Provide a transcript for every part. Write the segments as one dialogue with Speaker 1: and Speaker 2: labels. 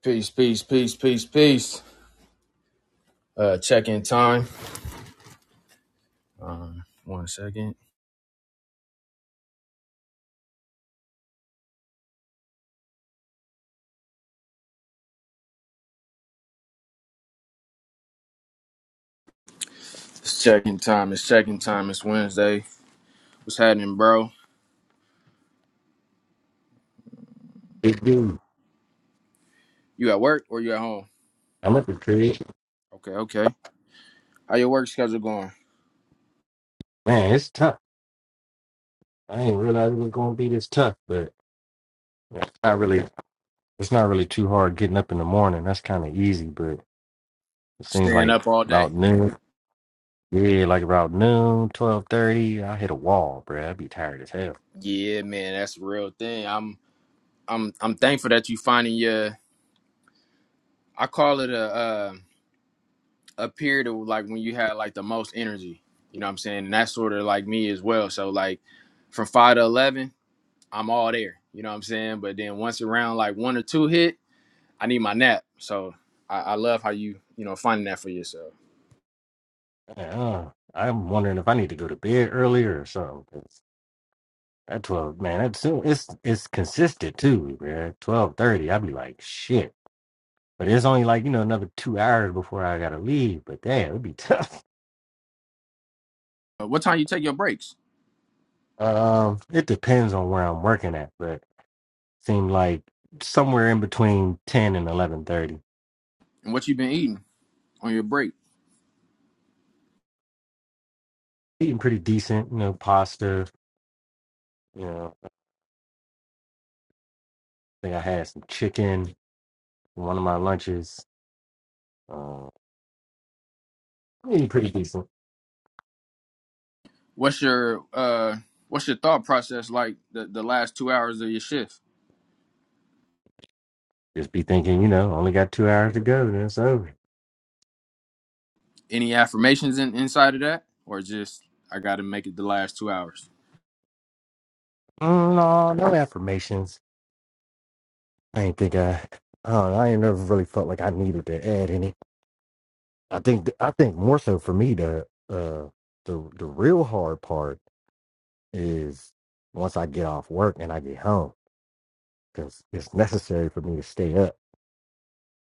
Speaker 1: Peace, peace, peace, peace, peace. Uh, check in time. Um, one second. It's check in time. It's check in time. It's Wednesday. What's happening, bro?
Speaker 2: Big dude,
Speaker 1: You at work or you at home?
Speaker 2: I'm at the crib.
Speaker 1: Okay, okay. How your work schedule going?
Speaker 2: Man, it's tough. I didn't realize it was gonna be this tough, but it's not really it's not really too hard getting up in the morning. That's kinda easy, but it seems
Speaker 1: Staying
Speaker 2: like
Speaker 1: up all day?
Speaker 2: about noon. Yeah, like about noon, twelve thirty, I hit a wall, bruh. I'd be tired as hell.
Speaker 1: Yeah, man, that's a real thing. I'm, I'm, I'm thankful that you finding your. I call it a, uh, a period of like when you had like the most energy. You know what I'm saying? And that's sort of like me as well. So like, from five to eleven. I'm all there. You know what I'm saying? But then once around like one or two hit, I need my nap. So I, I love how you, you know, finding that for yourself.
Speaker 2: Man, Uh, I'm wondering if I need to go to bed earlier or something. 'cause That twelve man, that's so it's it's consistent too, bruh. Twelve thirty, I'd be like, shit. But it's only like, you know, another two hours before I gotta leave. But damn, it'd be tough.
Speaker 1: Uh, what time you take your breaks
Speaker 2: Um, it depends on where I'm working at, but seem like somewhere in between ten and eleven thirty.
Speaker 1: and what you been eating on your break?
Speaker 2: Eating pretty decent, you know, pasta. You know, I think I had some chicken in one of my lunches. Uh, eating pretty decent.
Speaker 1: What's your uh what's your thought process like the, the last two hours of your shift?
Speaker 2: Just be thinking, you know, only got two hours to go, then it's over.
Speaker 1: Any affirmations in, inside of that? Or just I gotta make it the last two hours.
Speaker 2: Mm, no, no affirmations. I ain't think I. I don't know, I ain't never really felt like I needed to add any. I think I think more so for me the uh the the real hard part is once I get off work and I get home, because it's necessary for me to stay up.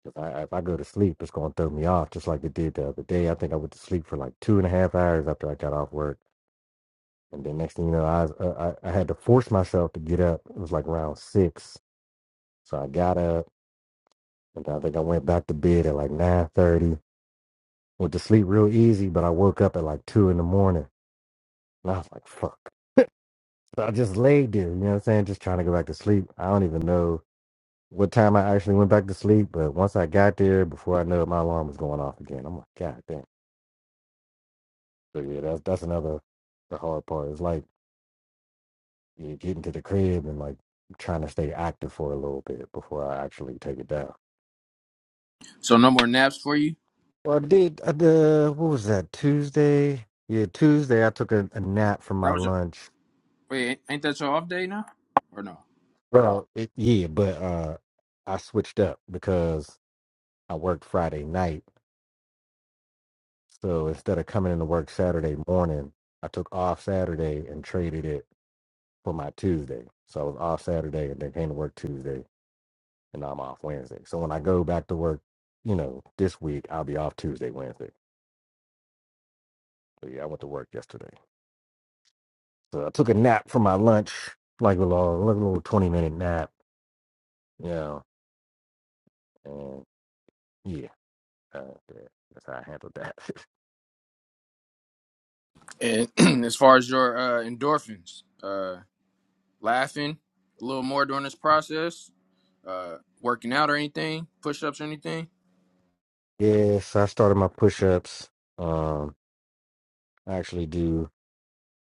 Speaker 2: If I, if I go to sleep, it's going to throw me off, just like it did the other day. I think I went to sleep for like two and a half hours after I got off work. And then next thing you know, I, was- uh, I, I had to force myself to get up. It was like around six. So I got up and I think I went back to bed at like 9.30. Went to sleep real easy, but I woke up at like two in the morning. And I was like, fuck. So I just laid there, you know what I'm saying? Just trying to go back to sleep. I don't even know. what time I actually went back to sleep, but once I got there, before I knew it, my alarm was going off again. I'm like, God damn. So yeah, that's that's another the hard part. It's like yeah, getting to the crib and like trying to stay active for a little bit before I actually take it down.
Speaker 1: So no more naps for you?
Speaker 2: Well, I did. I did uh, what was that Tuesday? Yeah, Tuesday I took a, a nap from
Speaker 1: That
Speaker 2: my
Speaker 1: was your
Speaker 2: lunch.
Speaker 1: wait, ain't that your off day now? Or no?
Speaker 2: Well, it, yeah, but uh, I switched up because I worked Friday night. So instead of coming into work Saturday morning, I took off Saturday and traded it for my Tuesday. So I was off Saturday and then came to work Tuesday and now I'm off Wednesday. So when I go back to work, you know, this week, I'll be off Tuesday, Wednesday. But yeah, I went to work yesterday. So I took a nap for my lunch, like a little, like a little 20 minute nap, you know, and yeah, uh, yeah, that's how I handled that.
Speaker 1: And as far as your uh endorphins, uh laughing a little more during this process, uh, working out or anything, push ups or anything.
Speaker 2: yes, I started my push ups. Um, I actually do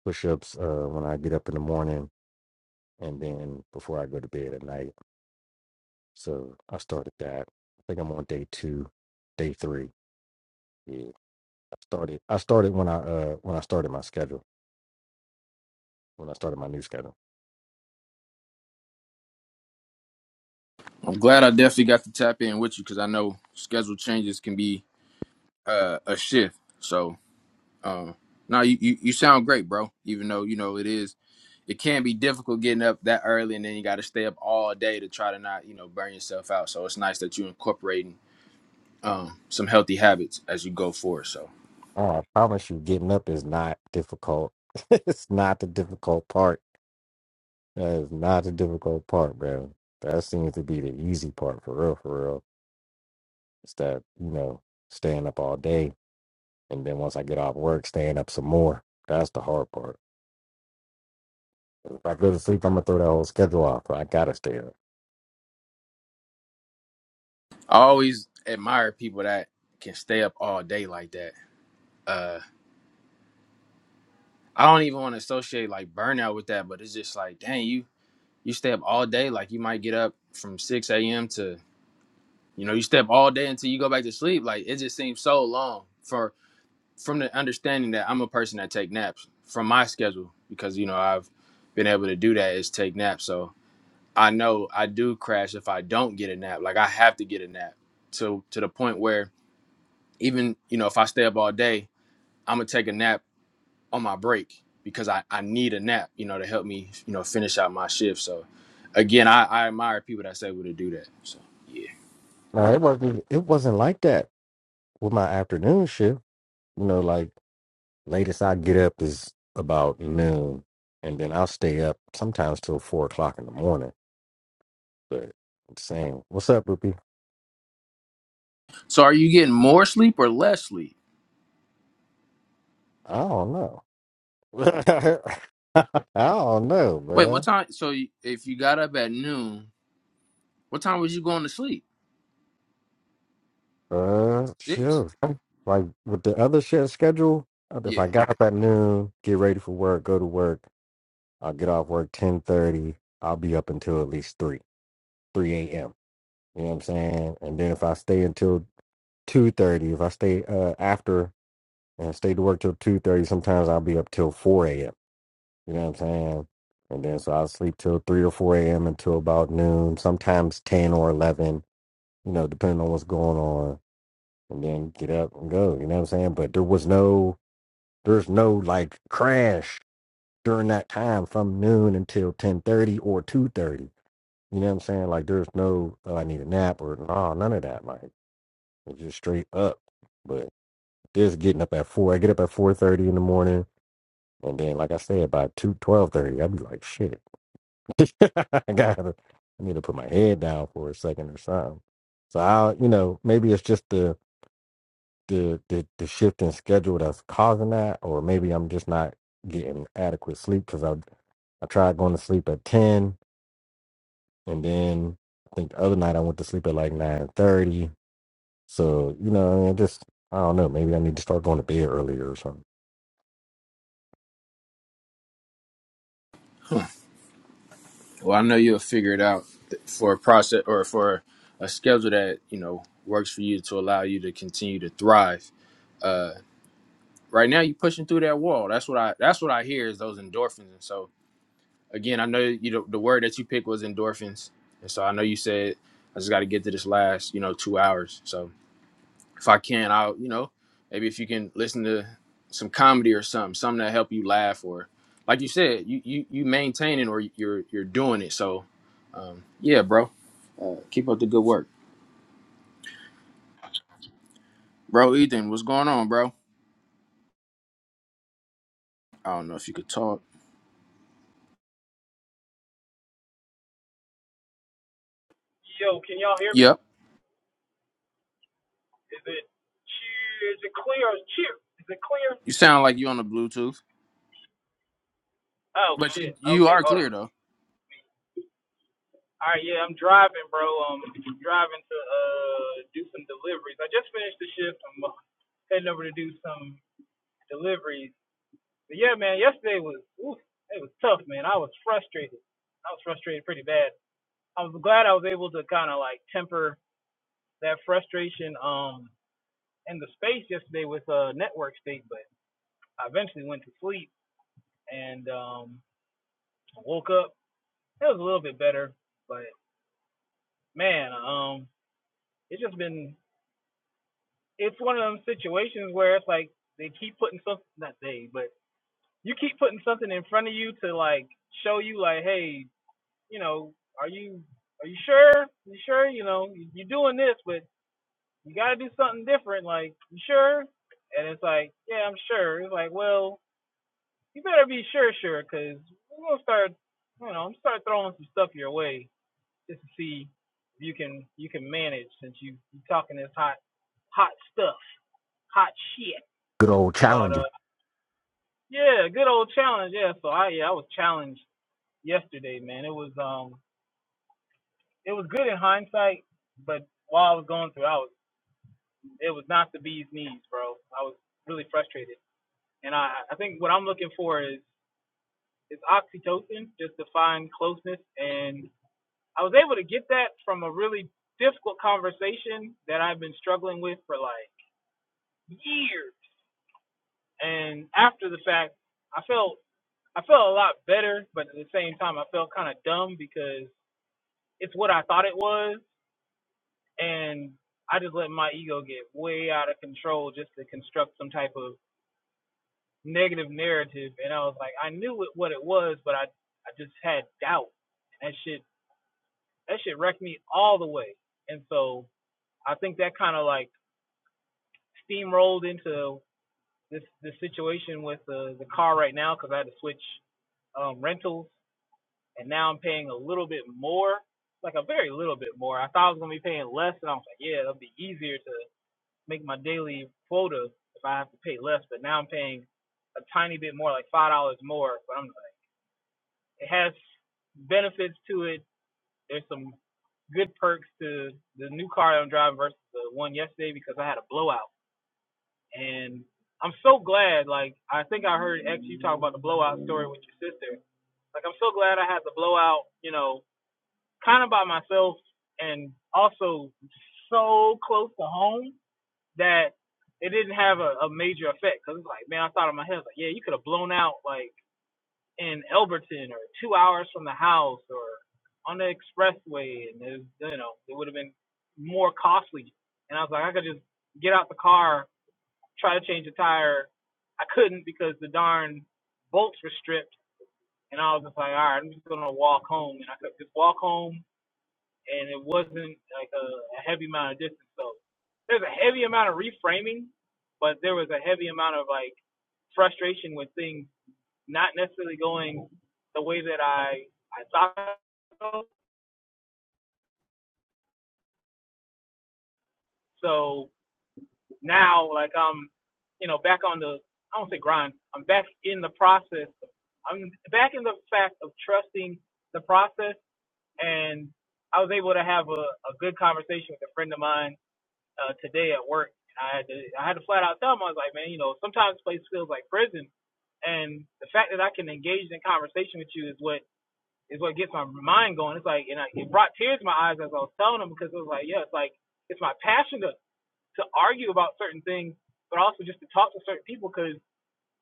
Speaker 2: push ups uh, when I get up in the morning and then before I go to bed at night So I started that. I think I'm on day two, day three. Yeah. I started I started when I uh when I started my schedule, when I started my new schedule.
Speaker 1: I'm glad I definitely got to tap in with you because I know schedule changes can be uh, a shift. So, um, no, you, you, you sound great, bro. Even though, you know, it is, it can be difficult getting up that early and then you got to stay up all day to try to not, you know, burn yourself out. So it's nice that you're incorporating um, some healthy habits as you go forward. So
Speaker 2: Oh, I promise you getting up is not difficult. it's not the difficult part. That is not the difficult part, bro. That seems to be the easy part for real, for real. It's that, you know, staying up all day and then once I get off work, staying up some more. That's the hard part. If I go to sleep, I'm gonna throw that whole schedule off. I gotta stay up.
Speaker 1: I always admire people that can stay up all day like that Uh, I don't even want to associate like burnout with that, but it's just like, dang, you you stay up all day. Like you might get up from six a.m. to you know you stay up all day until you go back to sleep. Like it just seems so long for from the understanding that I'm a person that take naps from my schedule because you know I've been able to do that is take naps. So I know I do crash if I don't get a nap. Like I have to get a nap to to the point where even you know if I stay up all day, I'm gonna take a nap on my break because I, I need a nap, you know, to help me, you know, finish out my shift. So again, I, I admire people that's able to do that. So yeah.
Speaker 2: No, it wasn't. It wasn't like that. with my afternoon shift, you know, like latest I get up is about noon, and then I'll stay up sometimes till four o'clock in the morning. But I'm saying, what's up, Whoopi?
Speaker 1: So are you getting more sleep or less sleep?
Speaker 2: I don't know. I don't know,
Speaker 1: Wait, what
Speaker 2: man.
Speaker 1: time? So you- if you got up at noon, what time was you going to sleep?
Speaker 2: Uh,
Speaker 1: Six.
Speaker 2: sure. Like with the other shift schedule, if
Speaker 1: Yeah.
Speaker 2: I got up at noon, get ready for work, go to work, I'll get off work ten thirty. I'll be up until at least three, three a.m. You know what I'm saying? And then if I stay until two thirty. If I stay uh, after and stay to work till two thirty, sometimes I'll be up till four a.m. You know what I'm saying? And then so I'll sleep till three or four a.m. until about noon. Sometimes ten or eleven. You know, depending on what's going on, and then get up and go. You know what I'm saying? But there was no, there's no like crash during that time from noon until ten thirty or two thirty. You know what I'm saying? Like there's no, oh, I need a nap or no, none of that. Like it's just straight up. But Just getting up at four. I get up at four thirty in the morning, and then, like I said, by two twelve thirty, I'd be like, "Shit, I gotta, I need to put my head down for a second or something." So I, will you know, maybe it's just the the the, the shift in schedule that's causing that, or maybe I'm just not getting adequate sleep because I I tried going to sleep at ten, and then I think the other night I went to sleep at like nine thirty. So you know, I mean, just I don't know. Maybe I need to start going to bed earlier or something.
Speaker 1: Well, I know you'll figure it out th- for a process or for a schedule that you know works for you to allow you to continue to thrive. Uh, right now, you're pushing through that wall. That's what I. That's what I hear is those endorphins, and so Again, I know you know, the word that you picked was endorphins, and so I know you said I just got to get to this last you know two hours. So if I can, I'll you know maybe if you can listen to some comedy or something, something that help you laugh or like you said, you you you maintaining or you're you're doing it. So um, yeah, bro, uh, keep up the good work, bro. Ethan, what's going on, bro? I don't know if you could talk.
Speaker 3: Yo, can y'all hear me?
Speaker 1: Yep,
Speaker 3: Is it cheer? Is it clear? Is cheer? Is it clear?
Speaker 1: you sound like you on the Bluetooth,
Speaker 3: Oh
Speaker 1: but you
Speaker 3: shit.
Speaker 1: you
Speaker 3: Okay,
Speaker 1: are
Speaker 3: hold
Speaker 1: clear
Speaker 3: on.
Speaker 1: though.
Speaker 3: All right, yeah, I'm driving, bro. Um, driving to uh do some deliveries. I just finished the shift. I'm uh, heading over to do some deliveries. But yeah, man, yesterday was oof, it was tough, man. I was frustrated. I was frustrated pretty bad. I was glad I was able to kind of like temper that frustration um in the space yesterday with uh network state, but I eventually went to sleep and um I woke up. It was a little bit better, but man, um, it's just been it's one of them situations where it's like they keep putting something not they, but you keep putting something in front of you to like show you like, hey, you know, are you are you sure? You sure? You know, you- you're doing this, but you got to do something different. Like, you sure? And it's like, yeah, I'm sure. It's like, well, you better be sure, sure, because we're gonna start, you know, I'm gonna start throwing some stuff your way just to see if you can you can manage since you you talking this hot hot stuff, hot shit
Speaker 2: Good old
Speaker 3: about uh
Speaker 2: challenger.
Speaker 3: yeah, good old challenge. Yeah, so I yeah I was challenged yesterday, man. It was um it was good in hindsight, but while I was going through, I was it was not the bee's knees, bro. I was really frustrated, and I I think what I'm looking for is is oxytocin, just to find closeness, and I was able to get that from a really difficult conversation that I've been struggling with for like. years. And after the fact, I felt I felt a lot better, but at the same time, I felt kind of dumb because it's what I thought it was, and I just let my ego get way out of control just to construct some type of negative narrative. And I was like, I knew it, what it was, but I I just had doubt. And That shit that shit wrecked me all the way. And so I think that kind of like steamrolled into this this situation with the the car right now because I had to switch um, rentals, and now I'm paying a little bit more, like a very little bit more. I thought I was gonna be paying less, and I was like, yeah, it'll be easier to make my daily quota if I have to pay less. But now I'm paying a tiny bit more, like five dollars more. But I'm like, it has benefits to it. There's some good perks to the new car that I'm driving versus the one yesterday because I had a blowout, and I'm so glad. Like I think I heard X you talk about the blowout story with your sister. Like I'm so glad I had the blowout. You know, kind of by myself and also so close to home that it didn't have a, a major effect because it's like, man, I thought in my head, like, yeah, you could have blown out like in Elberton or two hours from the house or on the expressway, and it, was, you know, it would have been more costly. And I was like, I could just get out the car, try to change the tire. I couldn't because the darn bolts were stripped, and I was just like, all right, I'm just gonna walk home, and I could just walk home and it wasn't like a, a heavy amount of distance. So there's a heavy amount of reframing, but there was a heavy amount of like frustration with things not necessarily going the way that I I thought. So now like I'm you know back on the I don't say grind. I'm back in the process. I'm back in the fact of trusting the process, and I was able to have a, a good conversation with a friend of mine uh, today at work. And I had to I had to flat out tell him I was like, man, you know, sometimes this place feels like prison, and the fact that I can engage in conversation with you is what is what gets my mind going. It's like, and I, it brought tears to my eyes as I was telling him because it was like, yeah, it's like it's my passion to to argue about certain things, but also just to talk to certain people because."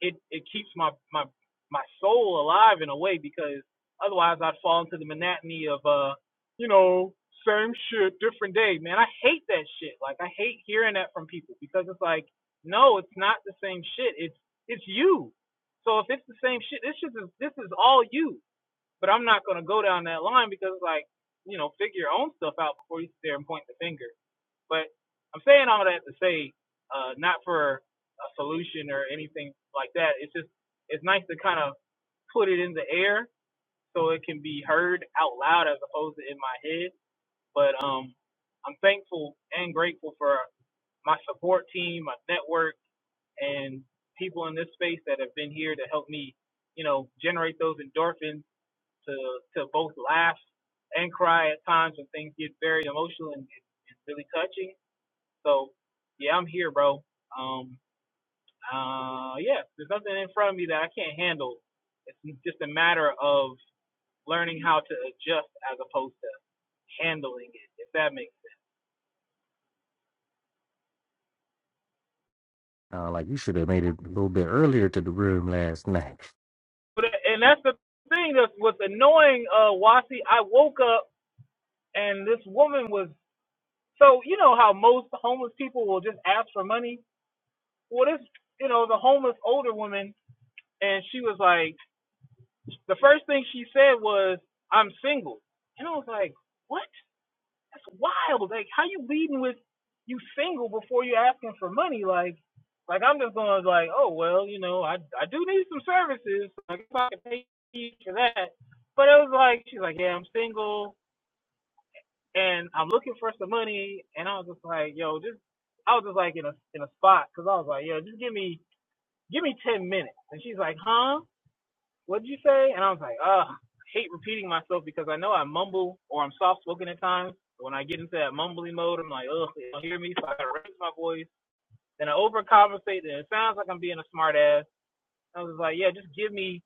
Speaker 3: it it keeps my my my soul alive in a way because otherwise I'd fall into the monotony of uh you know same shit different day man I hate that shit like I hate hearing that from people because it's like no it's not the same shit it's it's you so if it's the same shit this shit is this is all you but I'm not gonna go down that line because like you know figure your own stuff out before you sit there and point the finger but I'm saying all that to say, uh, not for a solution or anything like that. It's just it's nice to kind of put it in the air so it can be heard out loud as opposed to in my head. But um, I'm thankful and grateful for my support team, my network, and people in this space that have been here to help me, you know, generate those endorphins to to both laugh and cry at times when things get very emotional and, and really touching so yeah, I'm here, bro. Um, uh, yeah, there's nothing in front of me that I can't handle. It's just a matter of learning how to adjust as opposed to handling it, if that makes sense.
Speaker 2: Uh, like you should have made it a little bit earlier to the room last night.
Speaker 3: But and that's the thing that's what's annoying, uh, Wasi. I woke up and this woman was so you know how most homeless people will just ask for money. Well, this you know the homeless older woman, and she was like, the first thing she said was, "I'm single," and I was like, "What?" That's wild. Like, how you leading with you single before you're asking for money? Like, like I'm just going to like, oh well, you know, I I do need some services. Like, if I can pay you for that. But it was like, she's like, yeah, I'm single and I'm looking for some money. And I was just like, yo, just I was just like in a in a spot because I was like, yo, just give me give me ten minutes. And she's like, huh? what'd you say? And I was like, ugh, I hate repeating myself because I know I mumble or I'm soft spoken at times. But when I get into that mumbly mode, I'm like, ugh, they don't hear me, so I gotta raise my voice. Then I overcompensate, and it sounds like I'm being a smart ass. I was like, yeah, just give me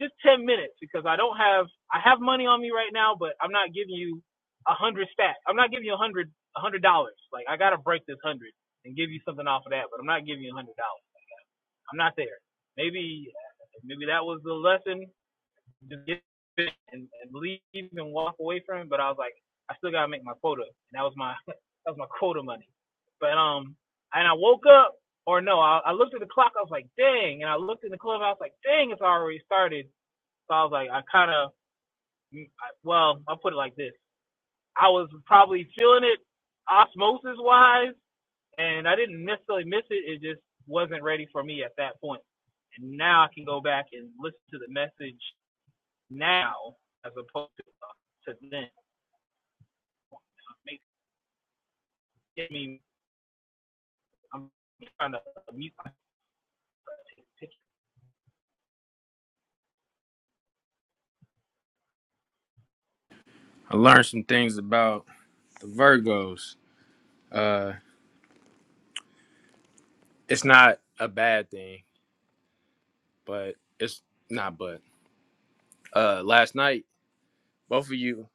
Speaker 3: just 10 minutes because I don't have, I have money on me right now, but I'm not giving you a hundred stat. I'm not giving you a hundred, a hundred dollars. Like, I gotta break this hundred and give you something off of that, but I'm not giving you a hundred dollars. I'm not there. Maybe, maybe that was the lesson just get it and, and leave and walk away from it. But I was like, I still gotta make my quota, and that was my that was my quota money. But um, and I woke up, or no, I, I looked at the clock. I was like, dang, and I looked in the club. I was like, dang, it's already started. So I was like, I kind of, well, I'll put it like this: I was probably feeling it osmosis wise, and I didn't necessarily miss it. It just wasn't ready for me at that point. And now I can go back and listen to the message now as opposed to, uh, to then. I mean, I'm trying to mute my picture.
Speaker 1: I learned some things about the Virgos. Uh, it's not a bad thing, but it's not. But uh, last night, both of you,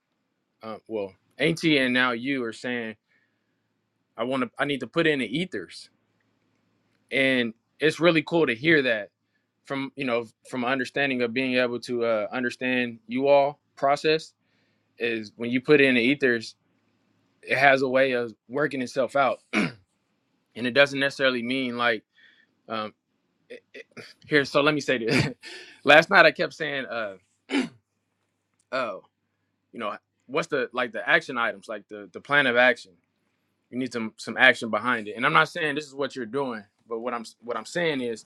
Speaker 1: uh, well, Auntie and now you are saying I want to, I need to put in the ethers, and it's really cool to hear that from you know from understanding of being able to uh, understand you all process is when you put in the ethers, it has a way of working itself out, and it doesn't necessarily mean like um, it, it- here. So let me say this. last night I kept saying uh. "Oh, you know what's the like the action items like the the plan of action you need some some action behind it and i'm not saying this is what you're doing but what i'm what i'm saying is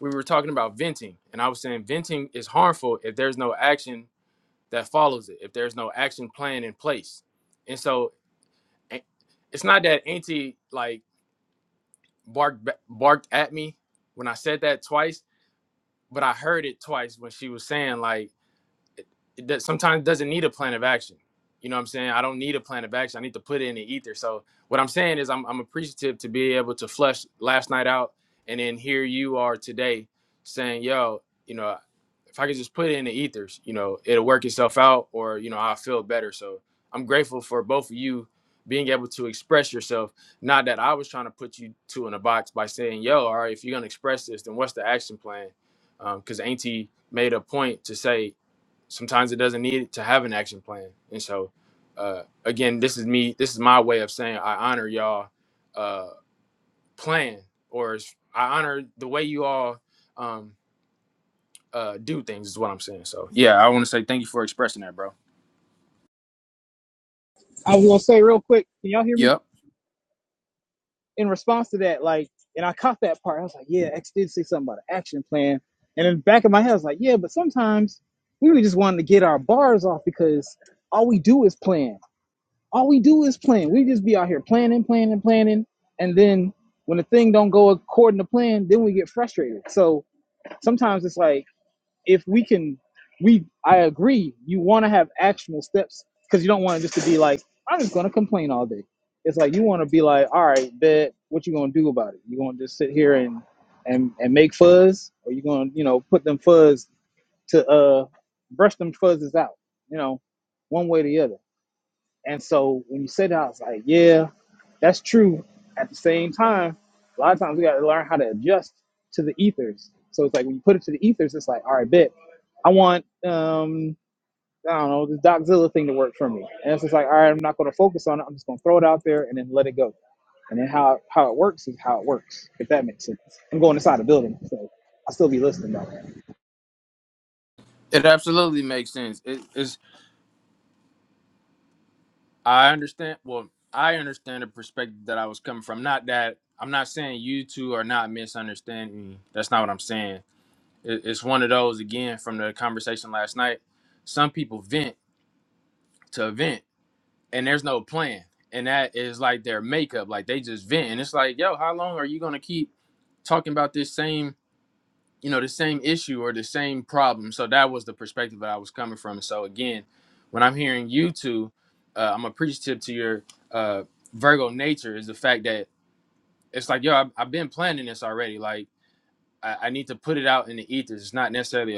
Speaker 1: we were talking about venting and i was saying venting is harmful if there's no action that follows it if there's no action plan in place and so a- it's not that auntie like barked ba- barked at me when i said that twice but i heard it twice when she was saying like it does, sometimes doesn't need a plan of action. You know what I'm saying? I don't need a plan of action. I need to put it in the ether. So what I'm saying is I'm, I'm appreciative to be able to flush last night out and then here you are today saying, yo, you know, if I could just put it in the ethers, you know, it'll work itself out or, you know, I'll feel better. So I'm grateful for both of you being able to express yourself. Not that I was trying to put you two in a box by saying, yo, all right, if you're going to express this, then what's the action plan? Because um, Auntie made a point to say, sometimes it doesn't need to have an action plan. And so, uh, again, this is me. This is my way of saying I honor y'all uh, plan, or s- I honor the way you all um, uh, do things. Is what I'm saying. So, yeah, I want to say thank you for expressing that, bro.
Speaker 3: I was gonna say real quick, can y'all hear me?
Speaker 1: Yep,
Speaker 3: In response to that, like, and I caught that part. I was like, yeah, X did say something about an action plan. And in the back of my head, I was like, yeah, but sometimes we really just wanted to get our bars off because all we do is plan. All we do is plan. We just be out here planning, planning, planning, and then when the thing don't go according to plan, then we get frustrated. So sometimes it's like if we can we i agree you want to have actionable steps because you don't want it just to be like i'm just going to complain all day it's like you want to be like all right bet what you going to do about it you going to just sit here and and and make fuzz or you going to you know put them fuzz to uh brush them fuzzes out you know one way or the other and so when you said that, I was like, yeah, that's true. At the same time, a lot of times we got to learn how to adjust to the ethers. So it's like when you put it to the ethers, it's like, all right, bet. I want, um, I don't know, this Doczilla thing to work for me. And it's just like, all right, I'm not going to focus on it. I'm just going to throw it out there and then let it go. And then how, how it works is how it works, if that makes sense. I'm going inside the building, so I'll still be listening though.
Speaker 1: it absolutely makes sense. It is. I understand. Well, I understand the perspective that I was coming from. Not that I'm not saying you two are not misunderstanding me. That's not what I'm saying It- It's one of those again from the conversation last night. Some people vent to vent, and there's no plan, and that is like their makeup. Like they just vent, and it's like, yo, how long are you gonna keep talking about this same, you know, the same issue or the same problem? So that was the perspective that I was coming from. So again, when I'm hearing you two, uh, I'm appreciative to your uh, Virgo nature is the fact that it's like, yo, I've, I've been planning this already. Like I, I need to put it out in the ethers. It's not necessarily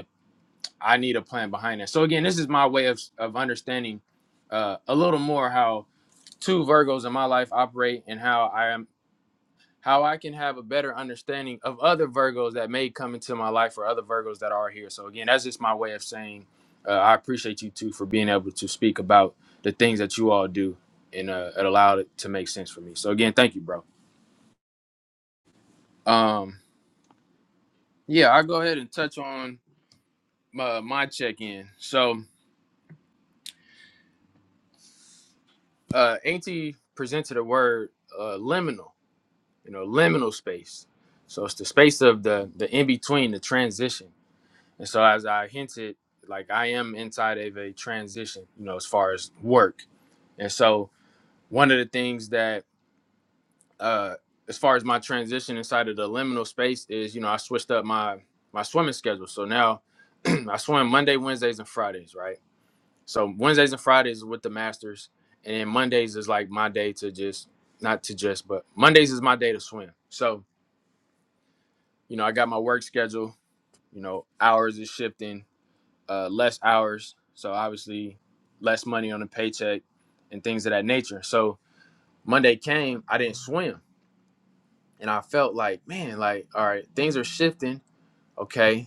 Speaker 1: I need a plan behind that. So again, this is my way of of understanding uh, a little more how two Virgos in my life operate and how I am how I can have a better understanding of other Virgos that may come into my life or other Virgos that are here. So again, that's just my way of saying uh, I appreciate you two for being able to speak about the things that you all do and uh, it allowed it to make sense for me. So again, thank you, bro. Um, yeah, I'll go ahead and touch on my, my check in. So. uh, Auntie presented a word, uh, liminal. You know, liminal space. So it's the space of the the in between, the transition. And so as I hinted, like I am inside of a transition. You know, as far as work. And so one of the things that, uh, as far as my transition inside of the liminal space is, you know, I switched up my my swimming schedule. So now I swim Monday, Wednesdays, and Fridays, right? So Wednesdays and Fridays is with the masters, and then Mondays is like my day to just not to just, but Mondays is my day to swim. So you know, I got my work schedule. You know, hours is shifting, uh, less hours, so obviously less money on the paycheck and things of that nature. So Monday came, I didn't swim, and I felt like, man, like all right, things are shifting. Okay,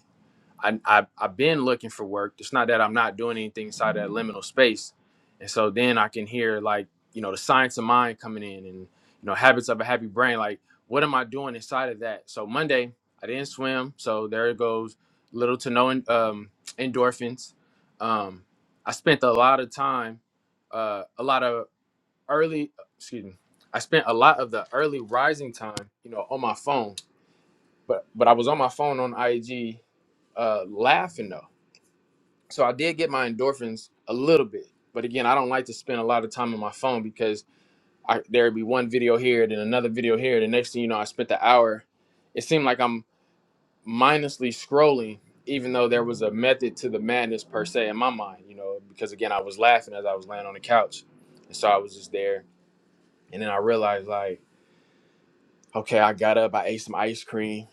Speaker 1: I, I I've been looking for work. It's not that I'm not doing anything inside that liminal space, and so then I can hear like you know the science of mind coming in, and you know habits of a happy brain. Like what am I doing inside of that? So Monday I didn't swim, so there it goes, little to no um, endorphins. Um, I spent a lot of time, uh, a lot of early excuse me. I spent a lot of the early rising time, you know, on my phone, but but I was on my phone on IG uh, laughing though so I did get my endorphins a little bit, but again, I don't like to spend a lot of time on my phone because I, there'd be one video here, then another video here. The next thing you know, I spent the hour. It seemed like I'm mindlessly scrolling, even though there was a method to the madness per se in my mind, you know, because again, I was laughing as I was laying on the couch. And so I was just there. And then I realized, like, okay, I got up, I ate some ice cream.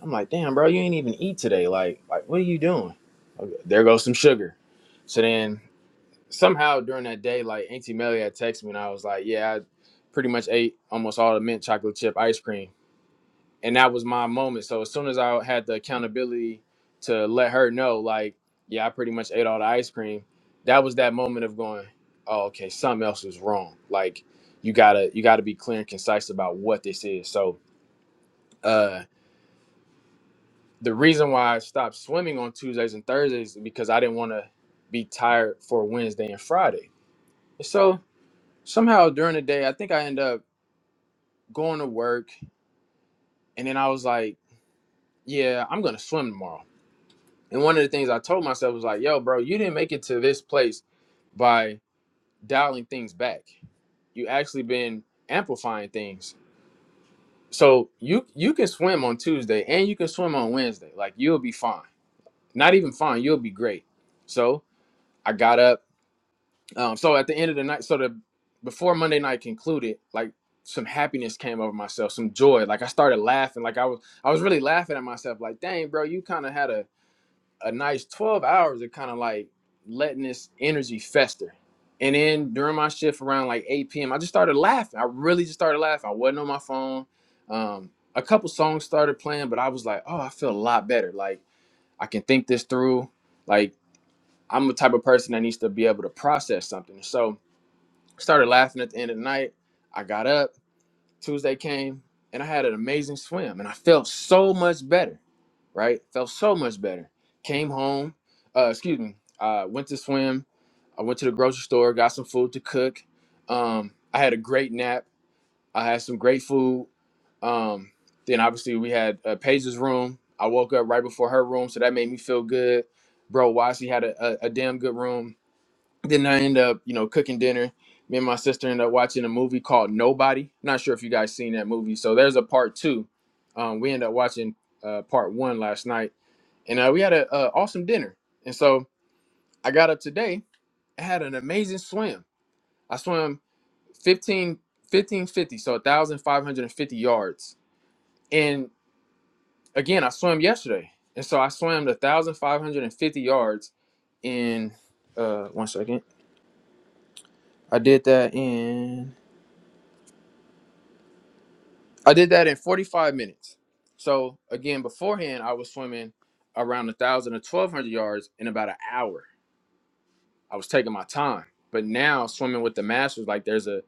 Speaker 1: I'm like, damn, bro, you ain't even eat today. Like, like what are you doing? Okay, there goes some sugar. So then somehow during that day, like Auntie Melly had texted me, and I was like, "Yeah, I pretty much ate almost all the mint chocolate chip ice cream," and that was my moment. So as soon as I had the accountability to let her know, like, "Yeah, I pretty much ate all the ice cream," that was that moment of going, "Oh, okay, something else was wrong." Like, you gotta you gotta be clear and concise about what this is. So, uh, the reason why I stopped swimming on Tuesdays and Thursdays is because I didn't want to be tired for Wednesday and Friday. So somehow during the day, I think I ended up going to work, and then I was like, "Yeah, I'm gonna swim tomorrow." And one of the things I told myself was like, "Yo, bro, you didn't make it to this place by dialing things back. You actually been amplifying things. So you you can swim on Tuesday and you can swim on Wednesday. Like you'll be fine. Not even fine. You'll be great." So I got up. Um, so at the end of the night, so the before Monday night concluded, like some happiness came over myself, some joy. Like I started laughing, like I was I was really laughing at myself. Like, dang, bro, you kind of had a a nice twelve hours of kind of like letting this energy fester. And then during my shift around like 8 p.m., I just started laughing. I really just started laughing. I wasn't on my phone. Um, a couple songs started playing, but I was like, oh, I feel a lot better. Like I can think this through. Like I'm the type of person that needs to be able to process something. So started laughing at the end of the night. I got up. Tuesday came and I had an amazing swim and I felt so much better, right? Felt so much better. Came home, uh, excuse me, I went to swim. I went to the grocery store, got some food to cook. Um, I had a great nap. I had some great food. Um, then obviously we had uh, Paige's room. I woke up right before her room, so that made me feel good. Bro, Wasi had a, a, a damn good room then I end up, you know, cooking dinner. Me and my sister end up watching a movie called Nobody. Not sure if you guys seen that movie. So there's a part two. Um, we end up watching uh, part one last night, and uh, we had a uh, awesome dinner. And so I got up today. I had an amazing swim. I swam fifteen, fifteen fifty, 1550, so 1,550 yards. And again, I swam yesterday. And so I swam the 1,550 yards in, uh, one second. I did that in I did that in 45 minutes. So again, beforehand, I was swimming around 1,000 or 1,200 yards in about an hour. I was taking my time. But now swimming with the masters, like there's a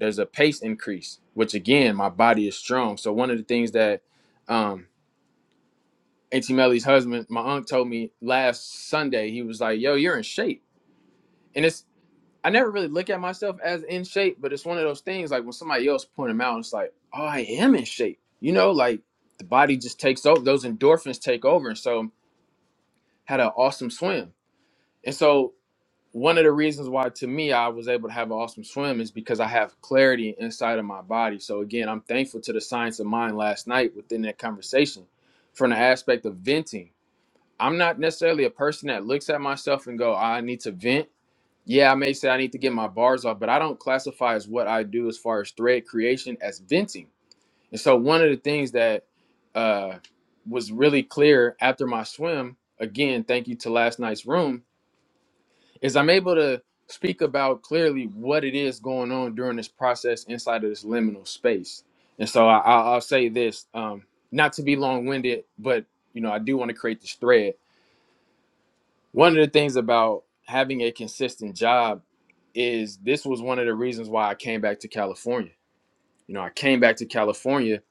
Speaker 1: there's a pace increase, which again, my body is strong. So one of the things that um Auntie Melly's husband, my uncle told me last Sunday, he was like, yo, you're in shape. and it's. I never really look at myself as in shape, but it's one of those things like when somebody else point them out, it's like, oh, I am in shape. You know, like the body just takes over; those endorphins take over. And so, had an awesome swim. And so, one of the reasons why, to me, I was able to have an awesome swim is because I have clarity inside of my body. So again, I'm thankful to the science of mind last night within that conversation, from the aspect of venting. I'm not necessarily a person that looks at myself and go, I need to vent yeah, I may say I need to get my bars off, but I don't classify as what I do as far as thread creation as venting. And so one of the things that uh, was really clear after my swim, again, thank you to last night's room, is I'm able to speak about clearly what it is going on during this process inside of this liminal space. And so I, I- I'll say this, um, not to be long-winded, but you know I do want to create this thread one of the things about having a consistent job is this was one of the reasons why I came back to California. You know, I came back to California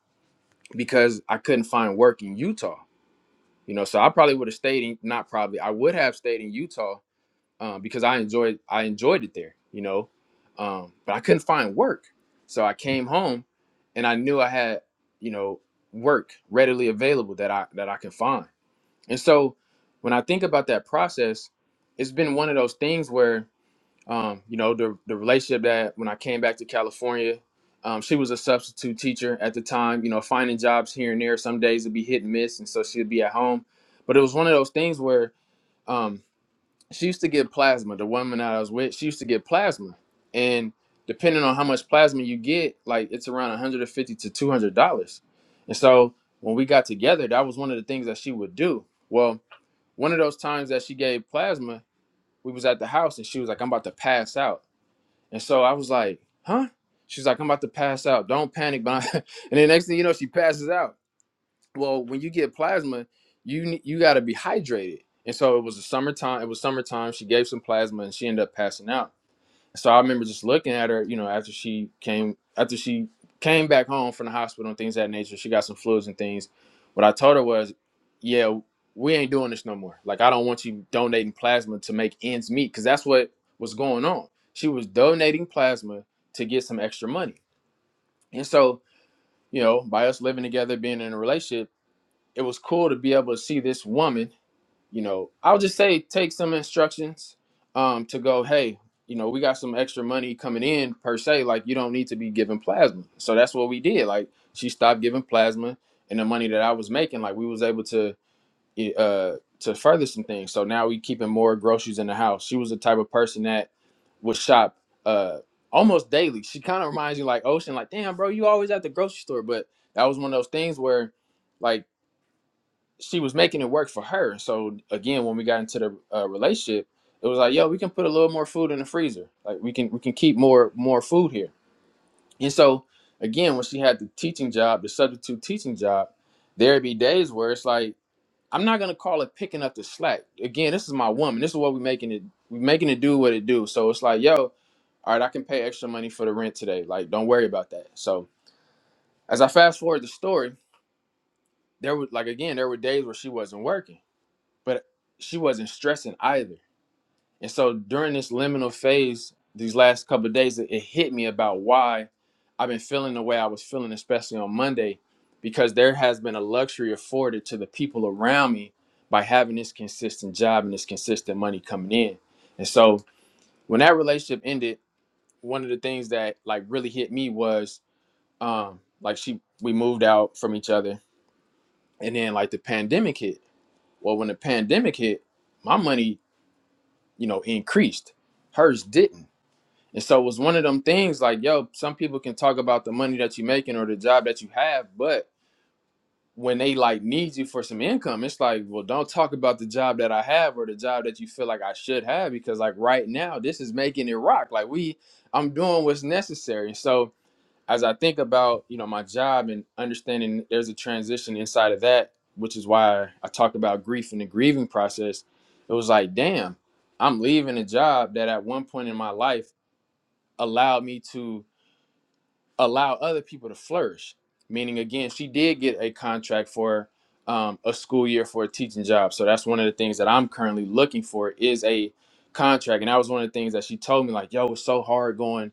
Speaker 1: because I couldn't find work in Utah. You know, so I probably would have stayed in not probably I would have stayed in Utah um, because I enjoyed I enjoyed it there. You know, um, but I couldn't find work, so I came home and I knew I had you know work readily available that I that I can find. And so when I think about that process, it's been one of those things where, um, you know, the, the relationship that when I came back to California, um, she was a substitute teacher at the time, you know, finding jobs here and there. Some days it'd be hit and miss. And so she'd be at home. But it was one of those things where um, she used to get plasma. The woman that I was with, she used to get plasma. And depending on how much plasma you get, like it's around 150 to $200. And so when we got together, that was one of the things that she would do. Well, one of those times that she gave plasma, we was at the house and she was like, I'm about to pass out. And so I was like, huh? She's like, I'm about to pass out. Don't panic. But I-" and the next thing you know, she passes out. Well, when you get plasma, you you got to be hydrated. And so it was the summertime. It was summertime. She gave some plasma and she ended up passing out so I remember just looking at her, you know, after she came after she came back home from the hospital and things of that nature. She got some fluids and things. What I told her was, yeah, we ain't doing this no more. Like I don't want you donating plasma to make ends meet because that's what was going on. She was donating plasma to get some extra money. And so, you know, by us living together, being in a relationship, it was cool to be able to see this woman you know, I'll just say take some instructions um, to go, hey, you know, we got some extra money coming in per se. Like, you don't need to be giving plasma. So that's what we did. Like, she stopped giving plasma, and the money that I was making, like, we was able to uh, to further some things. So now we keeping more groceries in the house. She was the type of person that would shop uh, almost daily. She kind of reminds you like Ocean, like, damn, bro, you always at the grocery store. But that was one of those things where, like she was making it work for her. So again, when we got into the uh, relationship, it was like, yo, we can put a little more food in the freezer. Like we can we can keep more more food here. And so again, when she had the teaching job, the substitute teaching job, there'd be days where it's like, I'm not gonna call it picking up the slack. Again, this is my woman. This is what we making it we making it do what it do. So it's like, yo, all right, I can pay extra money for the rent today. Like, don't worry about that. So as I fast forward the story, there was like again, there were days where she wasn't working. but she wasn't stressing either. And so during this liminal phase, these last couple of days, it, it hit me about why I've been feeling the way I was feeling, especially on Monday, because there has been a luxury afforded to the people around me by having this consistent job and this consistent money coming in. And so when that relationship ended, one of the things that like really hit me was um like she we moved out from each other and then like the pandemic hit. Well when the pandemic hit, my money you know, increased. Hers didn't. And so it was one of them things like, yo, some people can talk about the money that you're making or the job that you have, but when they like need you for some income, it's like, well, don't talk about the job that I have or the job that you feel like I should have because like right now, this is making it rock. Like we, I'm doing what's necessary. So as I think about you know my job and understanding there's a transition inside of that, which is why I talked about grief and the grieving process. It was like, damn, I'm leaving a job that at one point in my life allowed me to allow other people to flourish. Meaning, again, she did get a contract for um, a school year for a teaching job. So that's one of the things that I'm currently looking for is a contract. And that was one of the things that she told me, like, yo, it's so hard going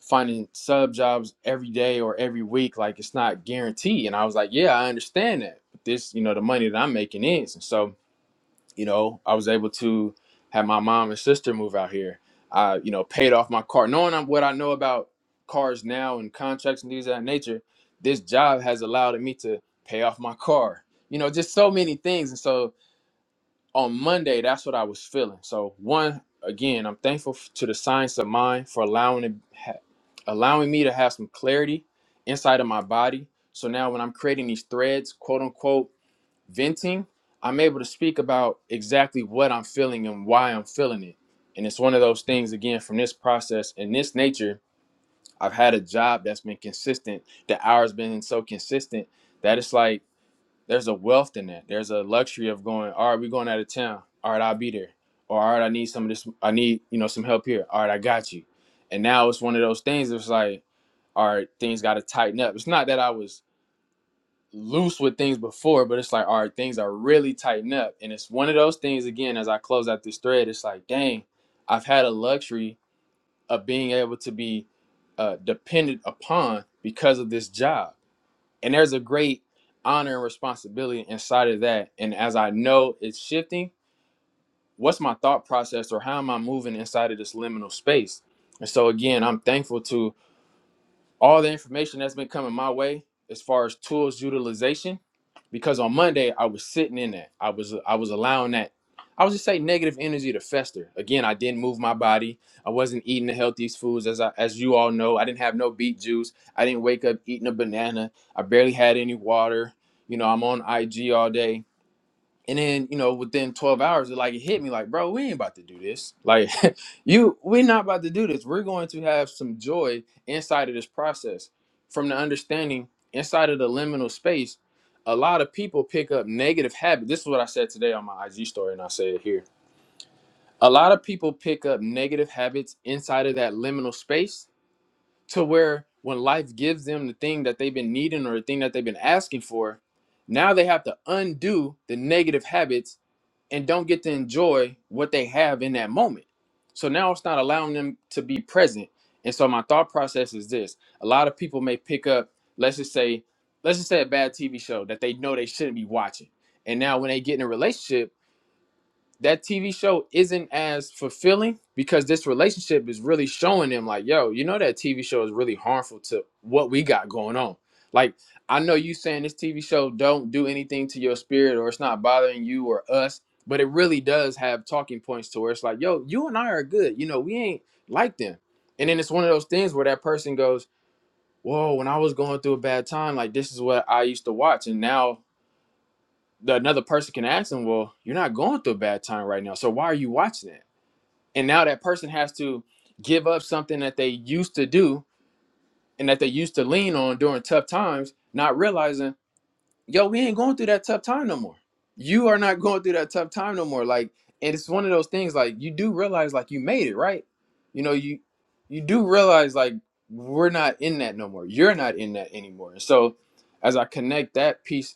Speaker 1: finding sub jobs every day or every week like it's not guaranteed and i was like yeah i understand that but this you know the money that i'm making is and so you know i was able to have my mom and sister move out here i you know paid off my car knowing I'm- what i know about cars now and contracts and things of that nature this job has allowed me to pay off my car you know just so many things and so on Monday, that's what I was feeling. So one, again, I'm thankful f- to the science of mind for allowing it, ha- allowing me to have some clarity inside of my body. So now when I'm creating these threads, quote unquote, venting, I'm able to speak about exactly what I'm feeling and why I'm feeling it. And it's one of those things again from this process and this nature. I've had a job that's been consistent. The hours been so consistent that it's like there's a wealth in that. There's a luxury of going, all right, we're going out of town. All right, I'll be there. Or all right, I need some of this. I need, you know, some help here. All right, I got you. And now it's one of those things. It's like, all right, things got to tighten up. It's not that I was loose with things before, but it's like, all right, things are really tighten up. And it's one of those things again. As I close out this thread, it's like, dang, I've had a luxury of being able to be uh, dependent upon because of this job and there's a great honor and responsibility inside of that and as i know it's shifting what's my thought process or how am i moving inside of this liminal space and so again i'm thankful to all the information that's been coming my way as far as tools utilization because on monday i was sitting in that i was i was allowing that i was just say negative energy to fester again i didn't move my body i wasn't eating the healthiest foods as i as you all know i didn't have no beet juice i didn't wake up eating a banana i barely had any water you know i'm on ig all day and then, you know, within 12 hours, it like it hit me like, bro, we ain't about to do this. Like, you, we're not about to do this. We're going to have some joy inside of this process. From the understanding inside of the liminal space, a lot of people pick up negative habits. This is what I said today on my IG story, and I say it here. A lot of people pick up negative habits inside of that liminal space to where when life gives them the thing that they've been needing or the thing that they've been asking for, now they have to undo the negative habits and don't get to enjoy what they have in that moment. So now it's not allowing them to be present. And so my thought process is this: a lot of people may pick up, let's just say, let's just say a bad TV show that they know they shouldn't be watching. And now when they get in a relationship, that TV show isn't as fulfilling because this relationship is really showing them like, yo, you know that TV show is really harmful to what we got going on. Like, I know you saying this TV show don't do anything to your spirit or it's not bothering you or us, but it really does have talking points to where it's like, yo, you and I are good. You know, we ain't like them. And then it's one of those things where that person goes, Whoa, when I was going through a bad time, like this is what I used to watch. And now the, another person can ask them, well, you're not going through a bad time right now. So why are you watching it? And now that person has to give up something that they used to do and that they used to lean on during tough times, not realizing, yo, we ain't going through that tough time no more. You are not going through that tough time no more. Like, and it's one of those things like you do realize like you made it, right? You know, you you do realize like we're not in that no more. You're not in that anymore. And so as I connect that piece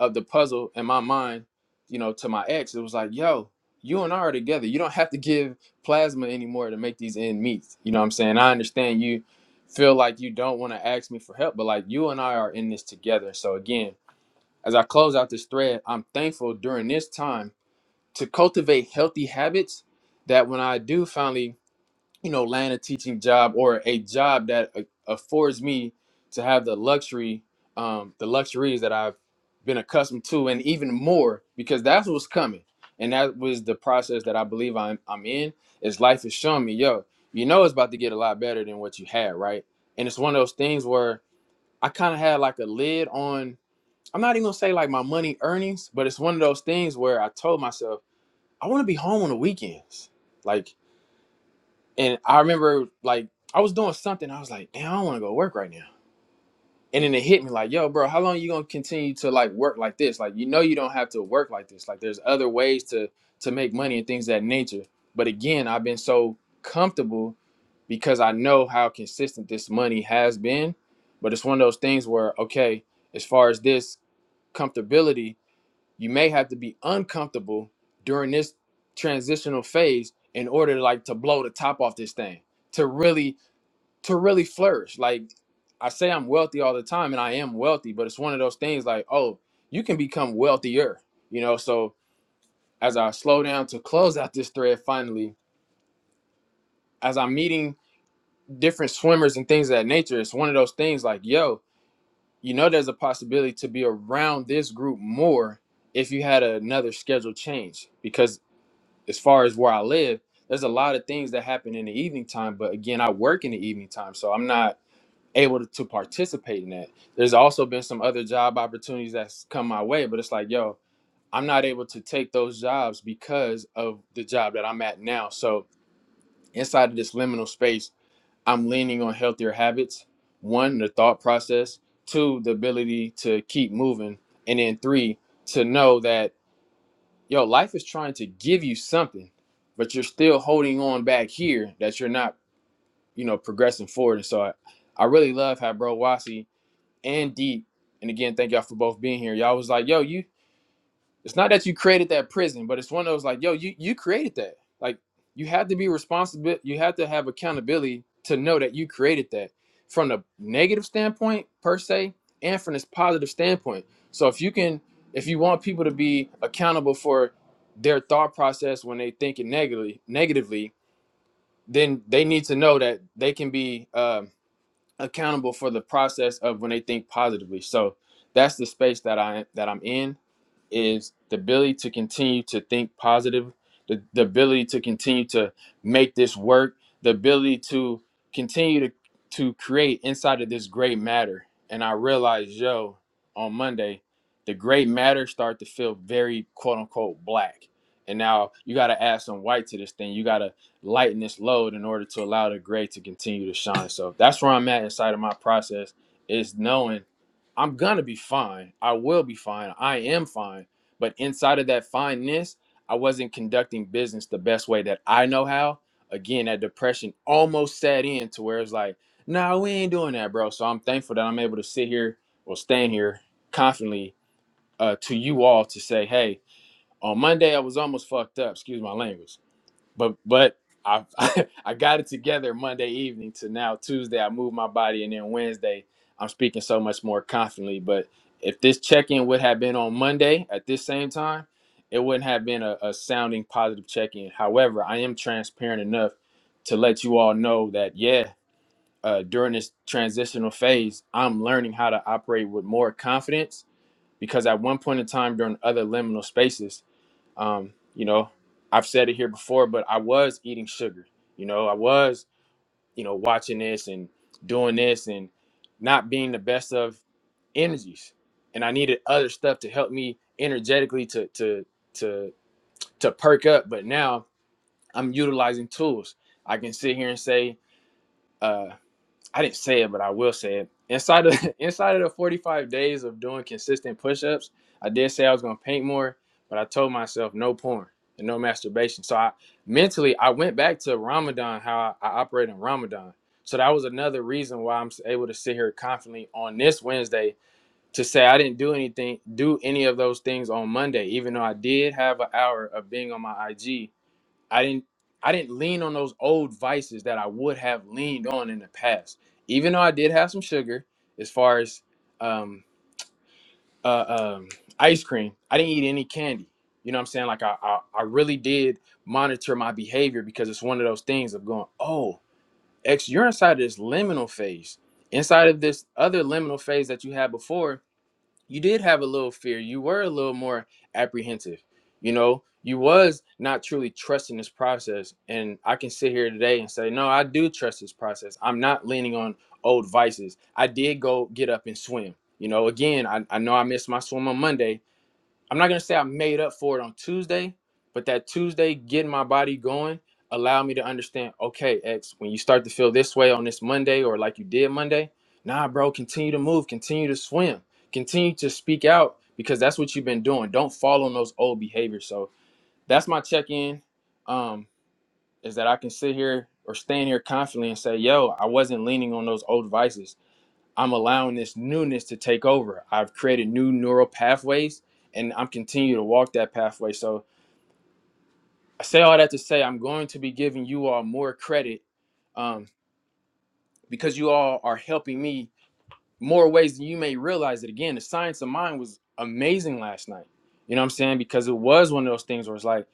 Speaker 1: of the puzzle in my mind, you know, to my ex, it was like, yo, you and I are together. You don't have to give plasma anymore to make these end meets. You know what I'm saying? I understand you feel like you don't want to ask me for help, but like you and I are in this together. So again, as I close out this thread, I'm thankful during this time to cultivate healthy habits that when I do finally you know, land a teaching job or a job that a- affords me to have the luxury, um, the luxuries that I've been accustomed to, and even more, because that's what's coming, and that was the process that I believe I'm I'm in. Is life is showing me, yo, you know, it's about to get a lot better than what you had, right? And it's one of those things where I kind of had like a lid on. I'm not even gonna say like my money earnings, but it's one of those things where I told myself I want to be home on the weekends, like. And I remember like I was doing something. I was like, damn, I don't want to go to work right now. And then it hit me like, yo, bro, how long you gonna continue to like work like this? Like, you know, you don't have to work like this. Like, there's other ways to to make money and things of that nature. But again, I've been so comfortable because I know how consistent this money has been. But it's one of those things where, okay, as far as this comfortability, you may have to be uncomfortable during this transitional phase in order like to blow the top off this thing to really to really flourish like i say i'm wealthy all the time and i am wealthy but it's one of those things like oh you can become wealthier you know so as i slow down to close out this thread finally as i'm meeting different swimmers and things of that nature it's one of those things like yo you know there's a possibility to be around this group more if you had another schedule change because as far as where I live, there's a lot of things that happen in the evening time. But again, I work in the evening time, so I'm not able to, to participate in that. There's also been some other job opportunities that's come my way, but it's like, yo, I'm not able to take those jobs because of the job that I'm at now. So inside of this liminal space, I'm leaning on healthier habits. One, the thought process. Two, the ability to keep moving. And then three, to know that Yo, life is trying to give you something, but you're still holding on back here that you're not, you know, progressing forward. And so I, I really love how bro Wasi and Deep, and again, thank y'all for both being here. Y'all was like, yo, you it's not that you created that prison, but it's one of those like, yo, you you created that. Like you have to be responsible. You have to have accountability to know that you created that from the negative standpoint per se, and from this positive standpoint. So if you can, if you want people to be accountable for their thought process when they thinking negatively, negatively, then they need to know that they can be. uh, accountable for the process of when they think positively. So that's the space that I that I'm in is the ability to continue to think positive, the, the ability to continue to make this work, the ability to continue to to create inside of this great matter. And I realized, yo, on Monday, the great matter started to feel very quote unquote black. And now you gotta add some white to this thing. You gotta lighten this load in order to allow the gray to continue to shine. So that's where I'm at inside of my process is knowing I'm gonna be fine. I will be fine. I am fine. But inside of that fineness, I wasn't conducting business the best way that I know how. Again, that depression almost sat in to where it's like, nah, we ain't doing that, bro. So I'm thankful that I'm able to sit here or stand here confidently uh, to you all to say, hey, on Monday I was almost fucked up. Excuse my language but but I I got it together Monday evening to now Tuesday. I moved my body, and then Wednesday I'm speaking so much more confidently. But if this check-in would have been on Monday at this same time, it wouldn't have been a, a sounding positive check-in. However, I am transparent enough to let you all know that yeah, uh, during this transitional phase, I'm learning how to operate with more confidence because at one point in time during other liminal spaces um, you know, I've said it here before, but I was eating sugar. You know, I was, you know, watching this and doing this and not being the best of energies. And I needed other stuff to help me energetically to to to to perk up. But now I'm utilizing tools. I can sit here and say, uh, I didn't say it, but I will say it. Inside of inside of the 45 days of doing consistent push-ups, I did say I was gonna paint more, but I told myself no porn and no masturbation. So I mentally I went back to Ramadan, how I, I operate in Ramadan. So that was another reason why I'm able to sit here confidently on this Wednesday to say I didn't do anything, do any of those things on Monday, even though I did have an hour of being on my IG I didn't I didn't lean on those old vices that I would have leaned on in the past. Even though I did have some sugar, as far as um, uh, um, ice cream, I didn't eat any candy. You know what I'm saying? Like I, I I really did monitor my behavior because it's one of those things of going, oh, X, you're inside this liminal phase, inside of this other liminal phase that you had before you did have a little fear you were a little more apprehensive you know you was not truly trusting this process and i can sit here today and say no i do trust this process i'm not leaning on old vices i did go get up and swim you know again i, I know i missed my swim on monday I'm not gonna say I made up for it on Tuesday, but that Tuesday getting my body going allowed me to understand. Okay, X, when you start to feel this way on this Monday or like you did Monday, nah, bro, continue to move, continue to swim, continue to speak out because that's what you've been doing. Don't fall on those old behaviors. So that's my check-in. Um, is that I can sit here or stand here confidently and say, yo, I wasn't leaning on those old vices. I'm allowing this newness to take over. I've created new neural pathways and I'm continuing to walk that pathway. So I say all that to say I'm going to be giving you all more credit um, because you all are helping me more ways than you may realize it. Again, the science of mind was amazing last night. You know what I'm saying? Because it was one of those things where it's like,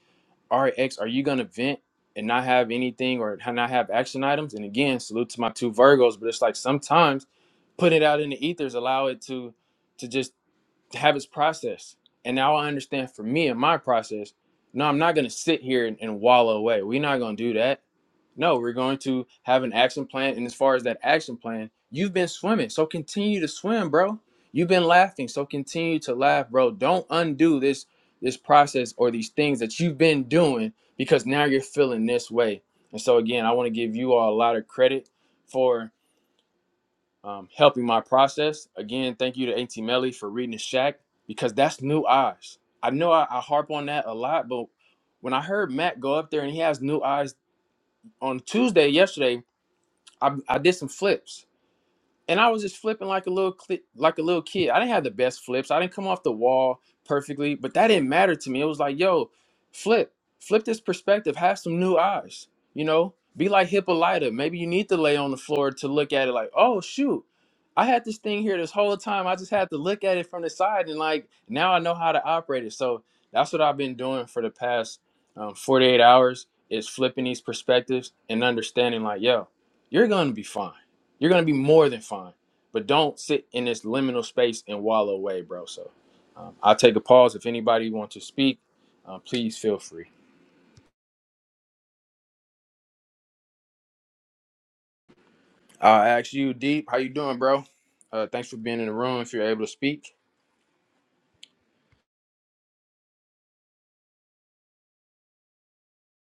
Speaker 1: all right, X, are you going to vent and not have anything or not have action items? And again, salute to my two Virgos, but it's like sometimes putting it out in the ethers allow it to to just to have its process. And now I understand for me and my process, no, I'm not going to sit here and, and wallow away. We're not going to do that. No, we're going to have an action plan. And as far as that action plan, you've been swimming. So continue to swim, bro. You've been laughing. So continue to laugh, bro. Don't undo this this process or these things that you've been doing because now you're feeling this way. And so again, I want to give you all a lot of credit for um, helping my process. Again, thank you to Auntie Melly for reading the Shack because that's new eyes. I know I, I harp on that a lot, but when I heard Matt go up there and he has new eyes on Tuesday yesterday, I, I did some flips and I was just flipping like a little cli like a little kid. I didn't have the best flips. I didn't come off the wall perfectly, but that didn't matter to me. It was like, yo, flip, flip this perspective. Have some new eyes. You know, be like Hippolyta. Maybe you need to lay on the floor to look at it. Like, oh shoot, I had this thing here this whole time. I just had to look at it from the side, and like now I know how to operate it. So that's what I've been doing for the past um, 48 hours is flipping these perspectives and understanding like, yo, you're gonna be fine you're gonna be more than fine. But don't sit in this liminal space and wallow away, bro. So um, I'll take a pause. If anybody wants to speak, uh, please feel free. I'll ask you, Deep, how you doing, bro? Uh, thanks for being in the room. If you're able to speak,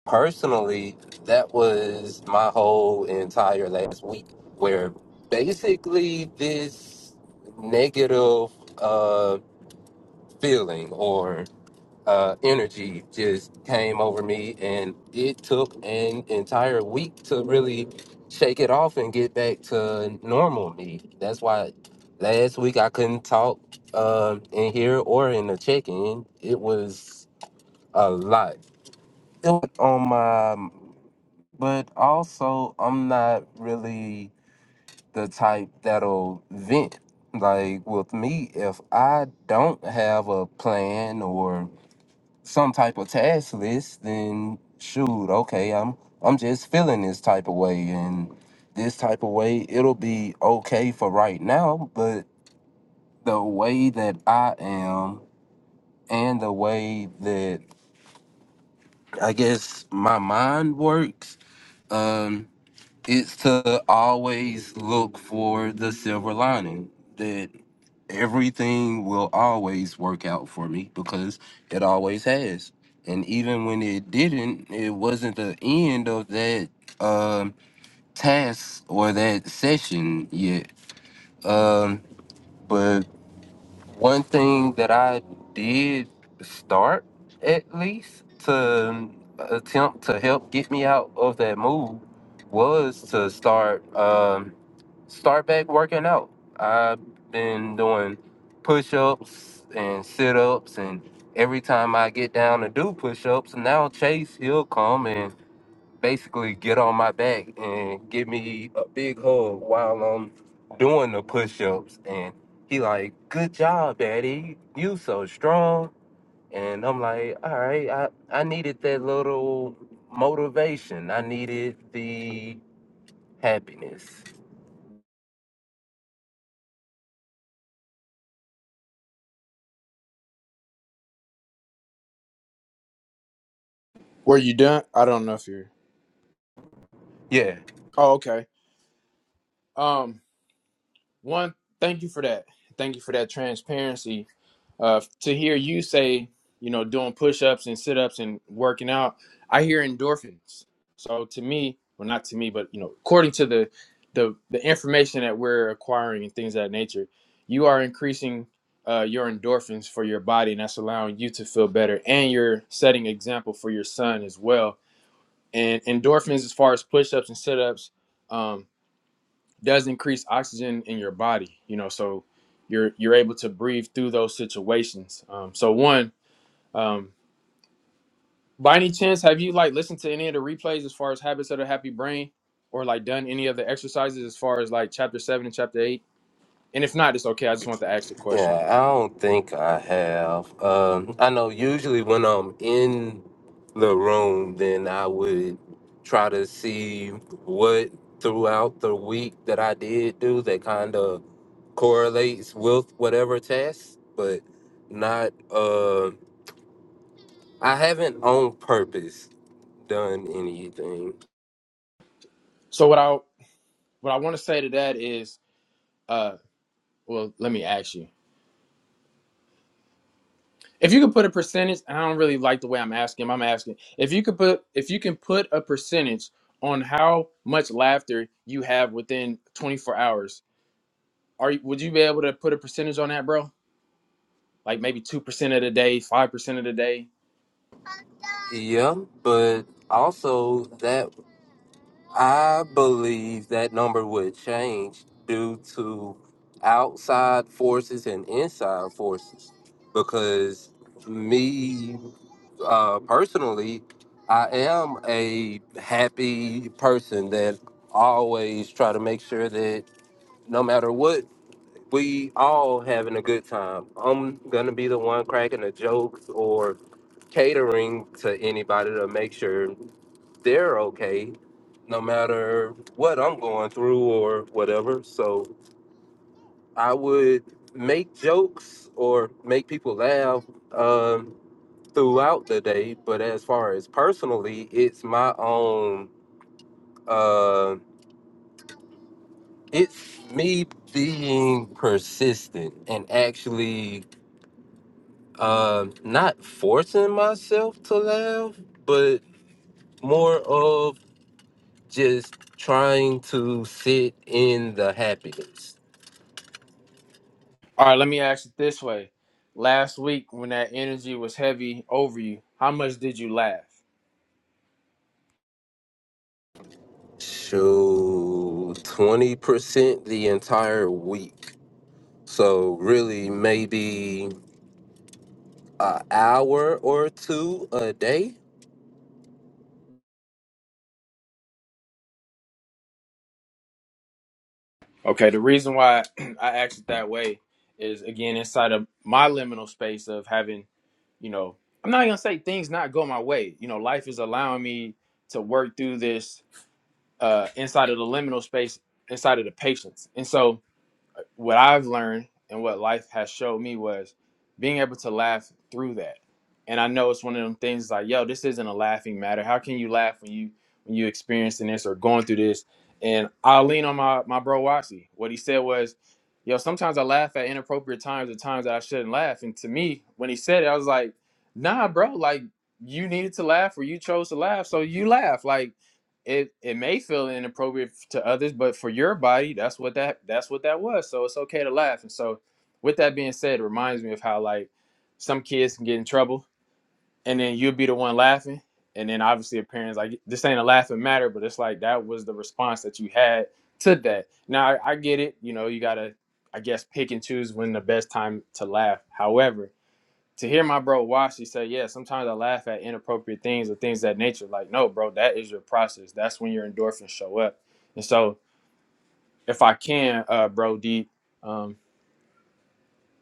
Speaker 4: personally, that was my whole entire last week, where basically this negative uh, feeling or uh, energy just came over me, and it took an entire week to really shake it off and get back to normal me. That's why last week I couldn't talk um in here or in the check-in. It was a lot It was on my but also I'm not really the type that'll vent. Like with me, if I don't have a plan or some type of task list, then shoot, okay, I'm I'm just feeling this type of way and this type of way it'll be okay for right now, but the way that I am and the way that I guess my mind works, um, it's to always look for the silver lining that everything will always work out for me because it always has and even when it didn't it wasn't the end of that um task or that session yet um but one thing that I did start at least to attempt to help get me out of that mood was to start um, start back working out. I've been doing push ups and sit ups, and every time I get down to do push ups, now Chase he'll come and basically get on my back and give me a big hug while I'm doing the push-ups. And he like, good job, daddy. You so strong. And I'm like, all right, I, I needed that little motivation. I needed the happiness.
Speaker 1: were you done? I don't know if you're.
Speaker 4: Yeah.
Speaker 1: Oh, okay. Um, one, thank you for that. Thank you for that transparency uh, to hear you say, you know, doing push-ups and sit-ups and working out, I hear endorphins. So to me, well, not to me, but you know, according to the the, the information that we're acquiring and things of that nature, you are increasing uh, your endorphins for your body, and that's allowing you to feel better, and you're setting example for your son as well. And endorphins, as far as push-ups and sit-ups, um, does increase oxygen in your body you know so you're you're able to breathe through those situations um, so one um, by any chance have you like listened to any of the replays as far as habits of the happy brain or like done any of the exercises as far as like chapter 7 and chapter 8 and if not it's okay i just want to ask the question
Speaker 4: Yeah, I don't think I have. Um, I know usually when I'm in the room, then I would try to see what throughout the week that I did do that kind of correlates with whatever test, but not, uh, I haven't on purpose done anything.
Speaker 1: so what i what i want to say to that is uh well let me ask you If you could put a percentage, I don't really like the way I'm asking. I'm asking if you could put if you can put a percentage on how much laughter you have within 24 hours. Are you, would you be able to put a percentage on that, bro? Like maybe two percent of the day, five percent of the day.
Speaker 4: Yeah, but also that I believe that number would change due to outside forces and inside forces because me uh, personally, I am a happy person that always try to make sure that no matter what, we all having a good time. I'm gonna be the one cracking the jokes or catering to anybody to make sure they're okay no matter what I'm going through or whatever. So I would make jokes or make people laugh um, throughout the day. But as far as personally, it's my own, uh, it's me being persistent and actually uh, not forcing myself to laugh, but more of just trying to sit in the happiness
Speaker 1: All right, let me ask it this way. Last week when that energy was heavy over you, how much did you laugh?
Speaker 4: Shoot, twenty percent the entire week. So really, maybe an hour or two a day.
Speaker 1: Okay, the reason why I asked it that way is again inside of my liminal space of having you know, I'm not gonna say things not go my way. You know, life is allowing me to work through this uh inside of the liminal space, inside of the patience. And so what what I've learned and what life has showed me was being able to laugh through that. And I know it's one of them things like, yo, this isn't a laughing matter. How can you laugh when you when you experiencing this or going through this? And I'll lean on my my bro Watsy. What he said was, yo, sometimes I laugh at inappropriate times or times that I shouldn't laugh. And to me, when he said it, I was like, nah, bro, like you needed to laugh or you chose to laugh, so you laugh. Like it it may feel inappropriate to others, but for your body, that's what that that's what that was. So it's okay to laugh. And so, with that being said, it reminds me of how like some kids can get in trouble, and then you'll be the one laughing, and then obviously a parent's like, "This ain't a laughing matter," but it's like that was the response that you had to that. Now I, I get it. You know, you gotta I guess pick and choose when the best time to laugh. However, to hear my bro Wash, say, yeah, sometimes I laugh at inappropriate things or things of that nature. Like, no, bro, that is your process. That's when your endorphins show up. And so, if I can, uh, bro, deep, um,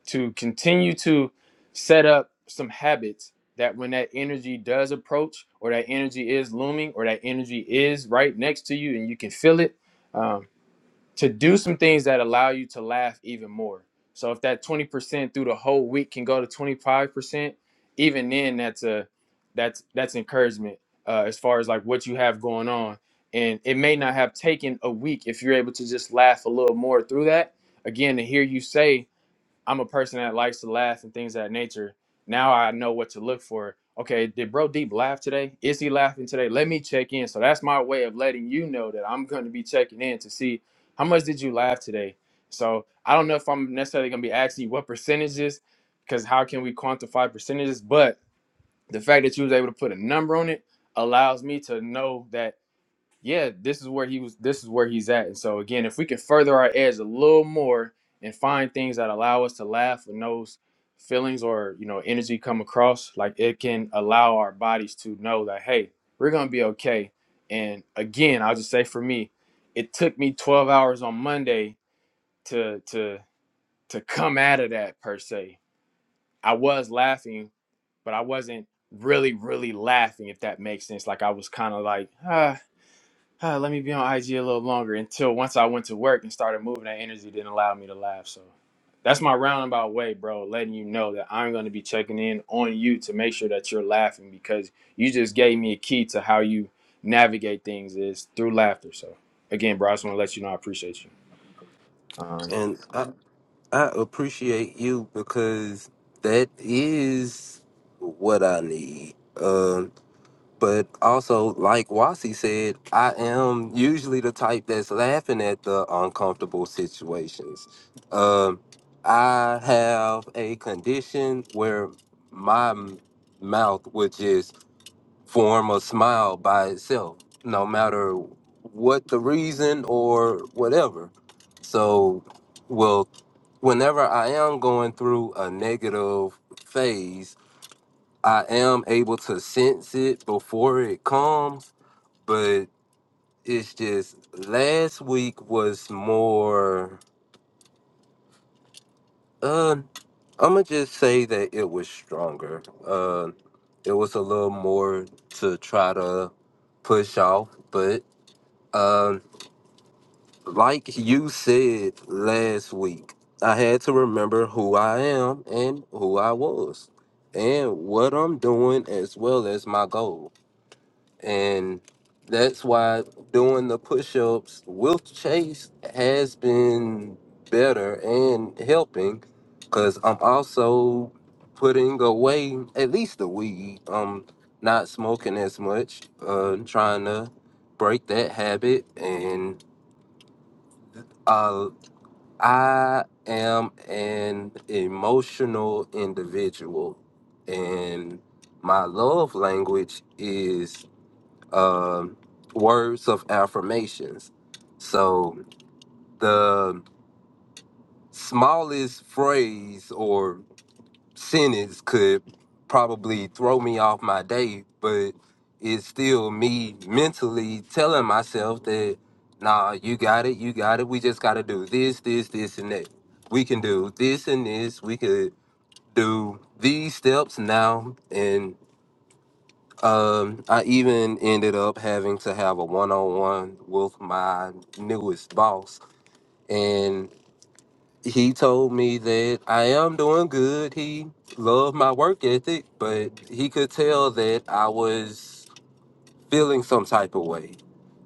Speaker 1: to continue to set up some habits that when that energy does approach, or that energy is looming, or that energy is right next to you, and you can feel it. um, to do some things that allow you to laugh even more. So if that 20% through the whole week can go to 25%, even then that's a that's that's encouragement uh, as far as like what you have going on. And it may not have taken a week if you're able to just laugh a little more through that. Again, to hear you say I'm a person that likes to laugh and things of that nature. Now I know what to look for. Okay, did Bro Deep laugh today? Is he laughing today? Let me check in. So that's my way of letting you know that I'm going to be checking in to see how much did you laugh today. So I don't know if I'm necessarily going to be asking you what percentages, because how can we quantify percentages? But the fact that you was able to put a number on it allows me to know that yeah, this is where he was. This is where he's at. And so again, if we can further our edge a little more and find things that allow us to laugh when those feelings or you know energy come across, like it can allow our bodies to know that hey, we're gonna be okay. And again, I'll just say for me, it took me 12 hours on Monday to to to come out of that per se. I was laughing, but I wasn't really really laughing. If that makes sense, like I was kind of like ah uh, let me be on IG a little longer until once I went to work and started moving, that energy didn't allow me to laugh. So that's my roundabout way, bro, letting you know that I'm going to be checking in on you to make sure that you're laughing because you just gave me a key to how you navigate things is through laughter. So again, bro, I just want to let you know I appreciate you. Um,
Speaker 4: And I, I appreciate you because that is what I need. Um. But also, like Wasi said, I am usually the type that's laughing at the uncomfortable situations. Um, I have a condition where my m- mouth would just form a smile by itself, no matter what the reason or whatever. So, well, whenever I am going through a negative phase, I am able to sense it before it comes, but it's just last week was more uh I'ma just say that it was stronger. Uh it was a little more to try to push off, but um like you said last week, I had to remember who I am and who I was and what I'm doing as well as my goal And that's why doing the push ups with Chase has been better and helping because I'm also putting away at least the weed. I'm not smoking as much, uh, trying to break that habit. And uh, I am an emotional individual, and my love language is um, words of affirmations. So the smallest phrase or sentence could probably throw me off my day, but it's still me mentally telling myself that, nah, you got it, you got it. We just got to do this, this, this, and that. We can do this and this. We could do these steps now, and. Um, I even ended up having to have a one-on-one with my newest boss, and he told me that I am doing good. He loved my work ethic, but he could tell that I was feeling some type of way,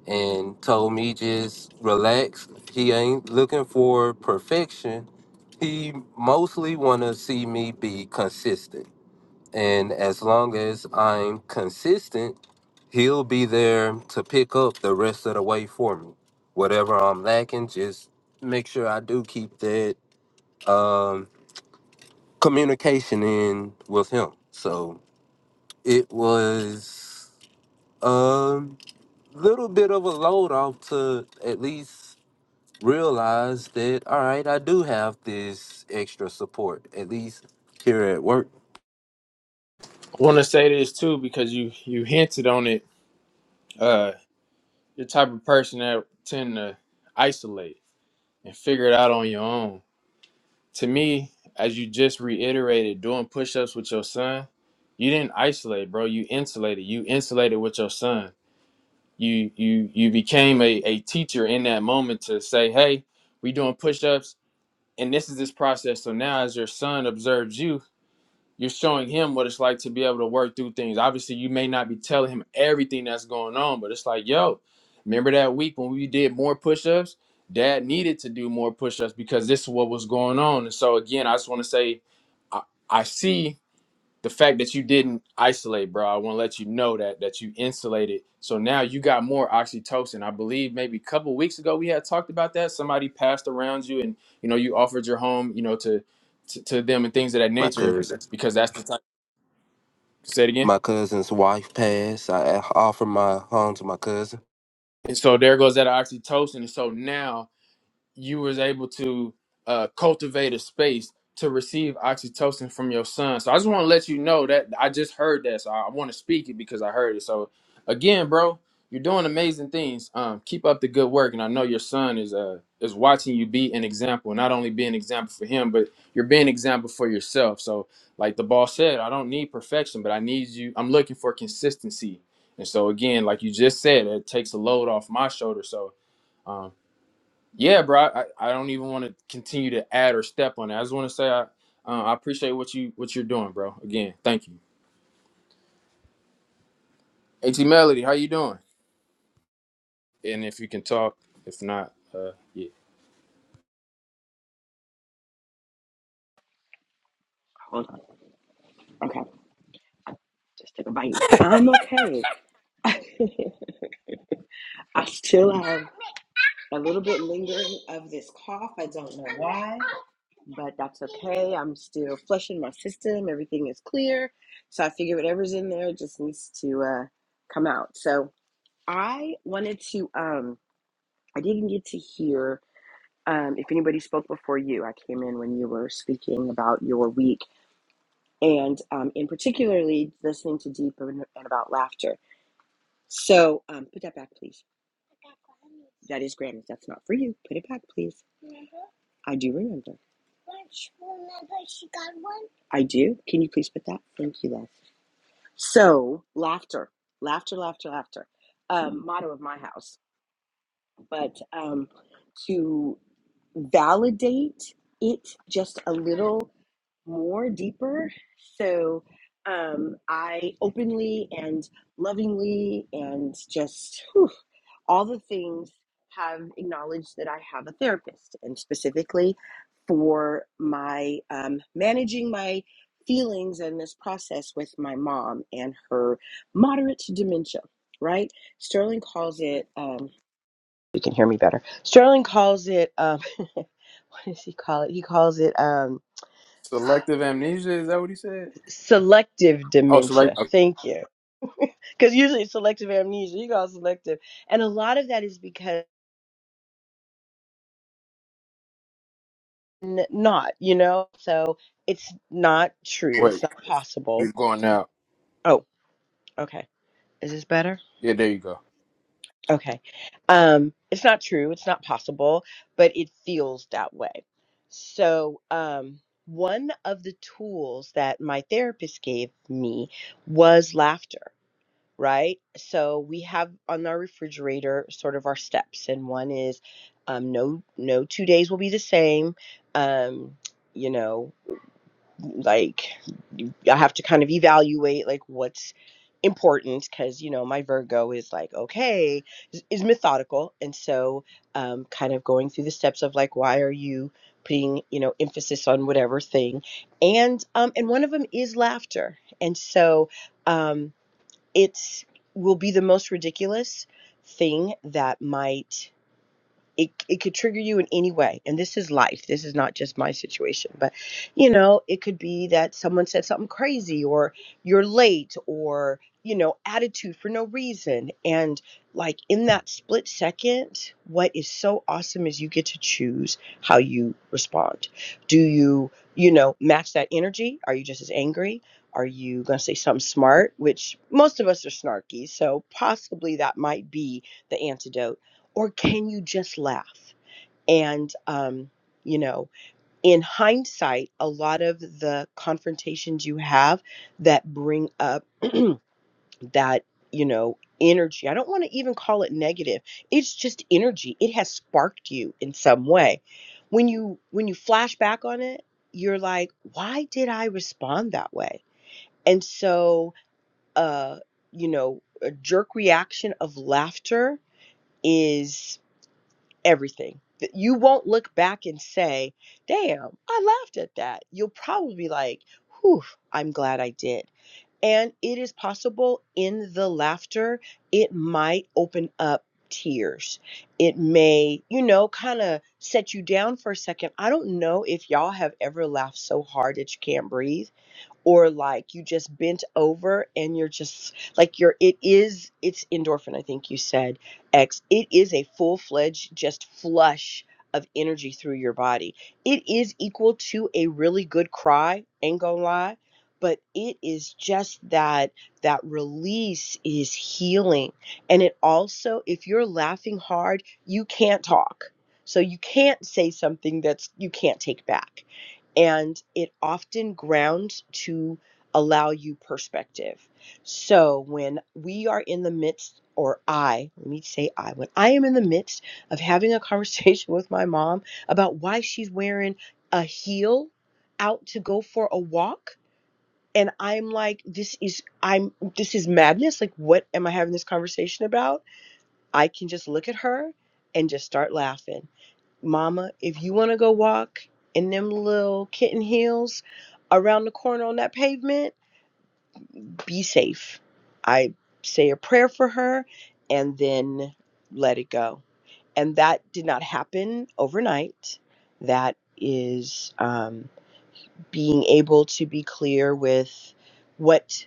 Speaker 4: and told me just relax. He ain't looking for perfection. He mostly want to see me be consistent. And as long as I'm consistent, he'll be there to pick up the rest of the way for me. Whatever I'm lacking, just make sure I do keep that um, communication in with him. So it was a little bit of a load off to at least realize that, all right, I do have this extra support, at least here at work.
Speaker 1: I want to say this too because you you hinted on it. Uh, you're the type of person that tend to isolate and figure it out on your own to me, as you just reiterated, doing push ups with your son, you didn't isolate, bro. You insulated. You insulated with your son. You you you became a, a teacher in that moment to say, Hey, we doing push ups and this is this process. So now as your son observes you, you're showing him what it's like to be able to work through things. Obviously, you may not be telling him everything that's going on, but it's like, yo, remember that week when we did more push-ups? Dad needed to do more push-ups because this is what was going on. And so again, I just want to say, I, I see the fact that you didn't isolate, bro, I want to let you know that that you insulated. So now you got more oxytocin. I believe maybe a couple weeks ago we had talked about that. Somebody passed around you, and you know you offered your home, you know, to to, to them and things of that
Speaker 4: My
Speaker 1: nature
Speaker 4: cousin.
Speaker 1: because that's the type. Say it again.
Speaker 4: My cousin's wife passed. I offered my home to my cousin.
Speaker 1: And so there goes that oxytocin. And so now you was able to uh, cultivate a space to receive oxytocin from your son. So I just want to let you know that I just heard that, so I want to speak it because I heard it. So again, bro, you're doing amazing things. Um, keep up the good work, and I know your son is uh is watching you be an example, not only be an example for him, but you're being an example for yourself. So like the boss said, I don't need perfection, but I need you. I'm looking for consistency. And so again, like you just said, it takes a load off my shoulder. So um. Yeah, bro. I, I don't even want to continue to add or step on it. I just want to say I uh, I appreciate what you what you're doing, bro. Again, thank you. At Melody, how you doing? And if you can talk, if not, uh, yeah.
Speaker 5: Hold on. Okay. Just took a bite. I'm okay. I still have a little bit lingering of this cough. I don't know why, but that's okay. I'm still flushing my system. Everything is clear. So I figure whatever's in there just needs to uh, come out. So I wanted to, um, I didn't get to hear um, if anybody spoke before you. I came in when you were speaking about your week and um, in particularly listening to Deep and and about laughter. So um, put that back, please. That is Grammys. That's not for you. Put it back, please. I do remember. I do. Can you please put that? Thank you, love. So laughter, laughter, laughter, laughter. Um, motto of my house, but um, to validate it just a little more deeper. So um, I openly and lovingly and just whew, all the things have acknowledged that I have a therapist, and specifically for my um, managing my feelings and this process with my mom and her moderate dementia. Right? Sterling calls it. Um, you can hear me better. Sterling calls it. Um, what does he call it? He calls it. um,
Speaker 1: Selective amnesia is that what he said?
Speaker 5: selective
Speaker 1: Oh, select.
Speaker 5: dementia.
Speaker 1: Okay,
Speaker 5: Thank you. Because usually it's selective amnesia, you got selective. And a lot of that is because n- not, you know? So it's not true.
Speaker 1: wait,
Speaker 5: It's not
Speaker 1: you're
Speaker 5: possible.
Speaker 1: going out.
Speaker 5: Oh, okay. Is this better?
Speaker 1: Yeah, there you go.
Speaker 5: Okay. Um, it's not true. It's not possible, but it feels that way. So, um, one of the tools that my therapist gave me was laughter right? So we have on our refrigerator sort of our steps, and one is um, no no two days will be the same. Um, you know, like you- I have to kind of evaluate like what's important because you know my Virgo is like okay is, is methodical, and so um, kind of going through the steps of like why are you putting you know emphasis on whatever thing and um and one of them is laughter and so Um, it will be the most ridiculous thing that might it it could trigger you in any way and this is life this is not just my situation but you know it could be that someone said something crazy or you're late or you know attitude for no reason and like in that split second what is so awesome is you get to choose how you respond do you you know match that energy are you just as angry are you going to say something smart which most of us are snarky so possibly that might be the antidote or can you just laugh? And, um, you know, in hindsight, a lot of the confrontations you have that bring up that, you know, energy, I don't want to even call it negative. It's just energy. It has sparked you in some way. When you when you flash back on it, you're like, why did I respond that way? And so, uh, you know, a jerk reaction of laughter is everything. That You won't look back and say, damn, I laughed at that. You'll probably be like, whew, I'm glad I did. And it is possible in the laughter, it might open up tears. It may, you know, kind of set you down for a second. I don't know if y'all have ever laughed so hard that you can't breathe or like you just bent over and you're just like you're it is it's endorphin i think you said x it is a full-fledged just flush of energy through your body it is equal to a really good cry ain't gonna lie but it is just that that release is healing and it also if you're laughing hard you can't talk so you can't say something that's you can't take back and it often grounds to allow you perspective. So when we are in the midst, or I, let me say I, when I am in the midst of having a conversation with my mom about why she's wearing a heel out to go for a walk. And I'm like, this is I'm this is madness. Like, what am I having this conversation about? I can just look at her and just start laughing Mama, if you want to go walk in them little kitten heels around the corner on that pavement, be safe. I say a prayer for her and then let it go. And that did not happen overnight. That is um, being able to be clear with what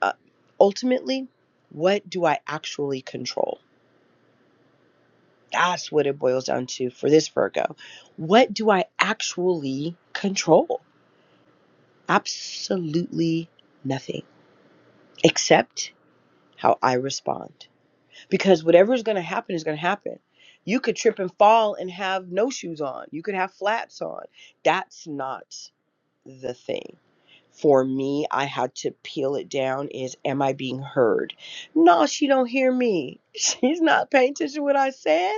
Speaker 5: uh, ultimately, what do I actually control? That's what it boils down to for this Virgo. What do I actually control? Absolutely nothing except how I respond. Because whatever is going to happen is going to happen. You could trip and fall and have no shoes on, you could have flats on. That's not the thing. For me, I had to peel it down is am I being heard? No, she don't hear me. She's not paying attention to what I said.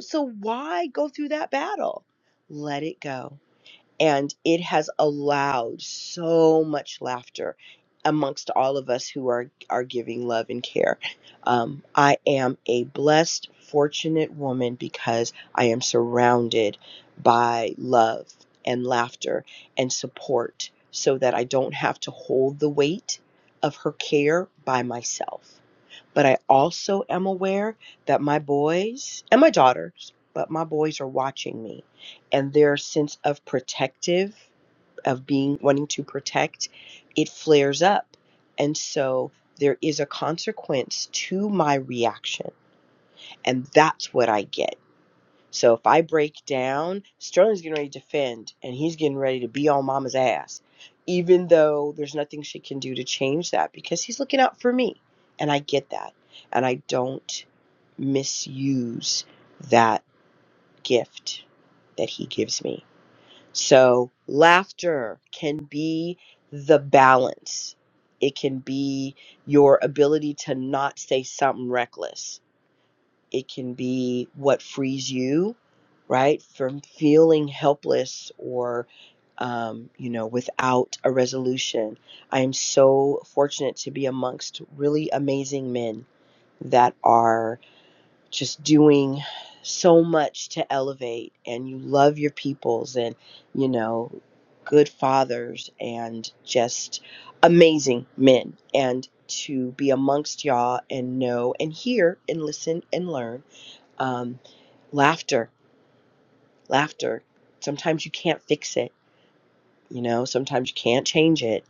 Speaker 5: So why go through that battle? Let it go and it has allowed so much laughter amongst all of us who are are giving love and care. Um, I am a blessed, fortunate woman because I am surrounded by love and laughter and support, so that I don't have to hold the weight of her care by myself. But I also am aware that my boys and my daughters, but my boys are watching me and their sense of protective, of being wanting to protect, it flares up. And so there is a consequence to my reaction. And that's what I get. So if I break down, Sterling's getting ready to defend and he's getting ready to be on mama's ass, even though there's nothing she can do to change that because he's looking out for me. And I get that. And I don't misuse that gift that he gives me. So laughter can be the balance, it can be your ability to not say something reckless it can be what frees you right from feeling helpless or um, you know without a resolution i am so fortunate to be amongst really amazing men that are just doing so much to elevate and you love your peoples and you know good fathers and just amazing men and to be amongst y'all and know and hear and listen and learn um, laughter laughter sometimes you can't fix it you know sometimes you can't change it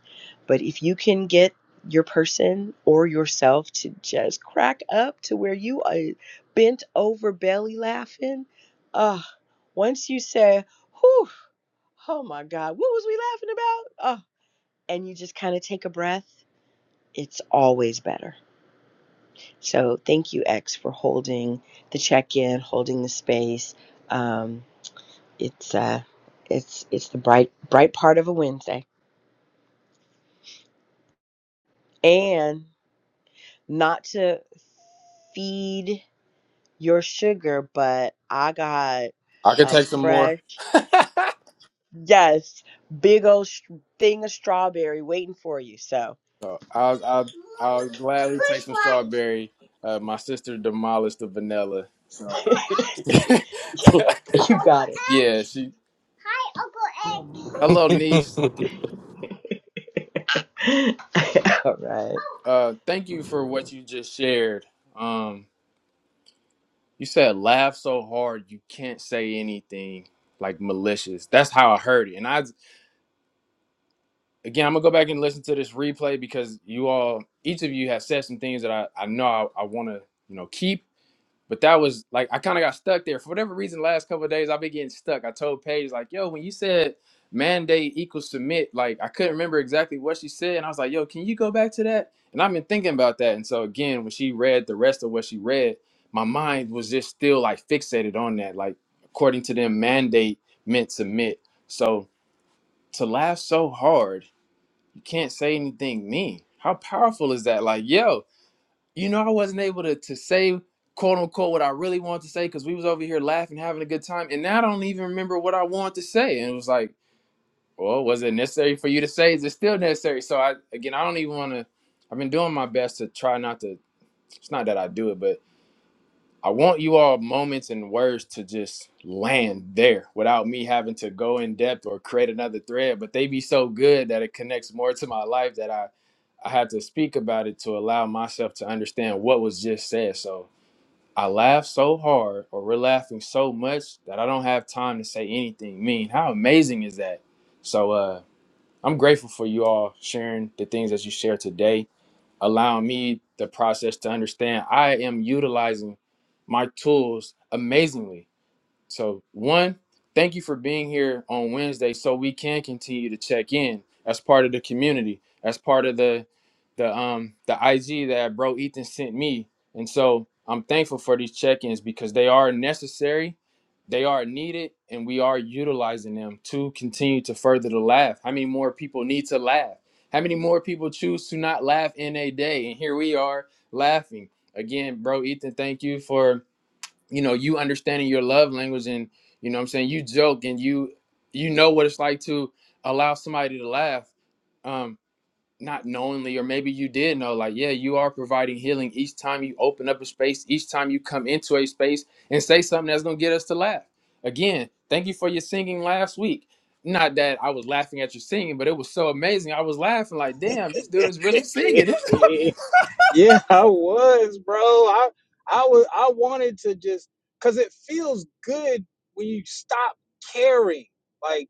Speaker 5: but if you can get your person or yourself to just crack up to where you are bent over belly laughing uh once you say whew oh my god what was we laughing about oh and you just kind of take a breath it's always better so thank you x for holding the check-in holding the space um, it's uh it's it's the bright bright part of a Wednesday. And not to feed your sugar, but I got
Speaker 1: I could
Speaker 5: a
Speaker 1: take some more.
Speaker 5: fresh yes, big old sh- thing of strawberry waiting for you. So
Speaker 1: so I'll I'll I'll gladly take some strawberry. Uh, my sister demolished the vanilla. So
Speaker 5: you got it.
Speaker 1: yeah, she. Hello, niece.
Speaker 5: All right.
Speaker 1: Uh, thank you for what you just shared. Um, you said laugh so hard you can't say anything like malicious. That's how I heard it. And I again, I'm gonna go back and listen to this replay because you all, each of you, have said some things that I I know I, I want to you know keep. But that was like I kind of got stuck there for whatever reason. Last couple of days, I've been getting stuck. I told Paige like, "Yo, when you said mandate equals submit, like I couldn't remember exactly what she said, and I was like, "Yo, can you go back to that?" And I've been thinking about that. And so again, when she read the rest of what she read, my mind was just still like fixated on that. Like according to them, mandate meant submit. So to laugh so hard, you can't say anything mean. How powerful is that? Like, yo, you know, I wasn't able to to say quote unquote what I really wanted to say because we was over here laughing, having a good time, and now I don't even remember what I wanted to say. And it was like, well, was it necessary for you to say? Is it still necessary? So I again, I don't even want to. I've been doing my best to try not to. It's not that I do it, but I want you all moments and words to just land there without me having to go in depth or create another thread. But they be so good that it connects more to my life that I, I had to speak about it to allow myself to understand what was just said. So I laugh so hard, or we're laughing so much that I don't have time to say anything mean. How amazing is that? So uh, I'm grateful for you all sharing the things that you share today allowing me the process to understand I am utilizing my tools amazingly so, one, thank you for being here on Wednesday so we can continue to check in as part of the community, as part of the the um the IG that bro Ethan sent me. And so I'm thankful for these check-ins because they are necessary, they are needed, and we are utilizing them to continue to further the laugh. How many more people need to laugh? How many more people choose to not laugh in a day? And here we are laughing. Again, bro Ethan, thank you for you know you understanding your love language and you know what i'm saying you joke and you you know what it's like to allow somebody to laugh um not knowingly or maybe you did know like yeah you are providing healing each time you open up a space each time you come into a space and say something that's going to get us to laugh again thank you for your singing last week not that i was laughing at your singing but it was so amazing i was laughing like damn this dude is really singing
Speaker 3: Yeah, I was, bro. I I was I wanted to just cause it feels good when you stop caring. Like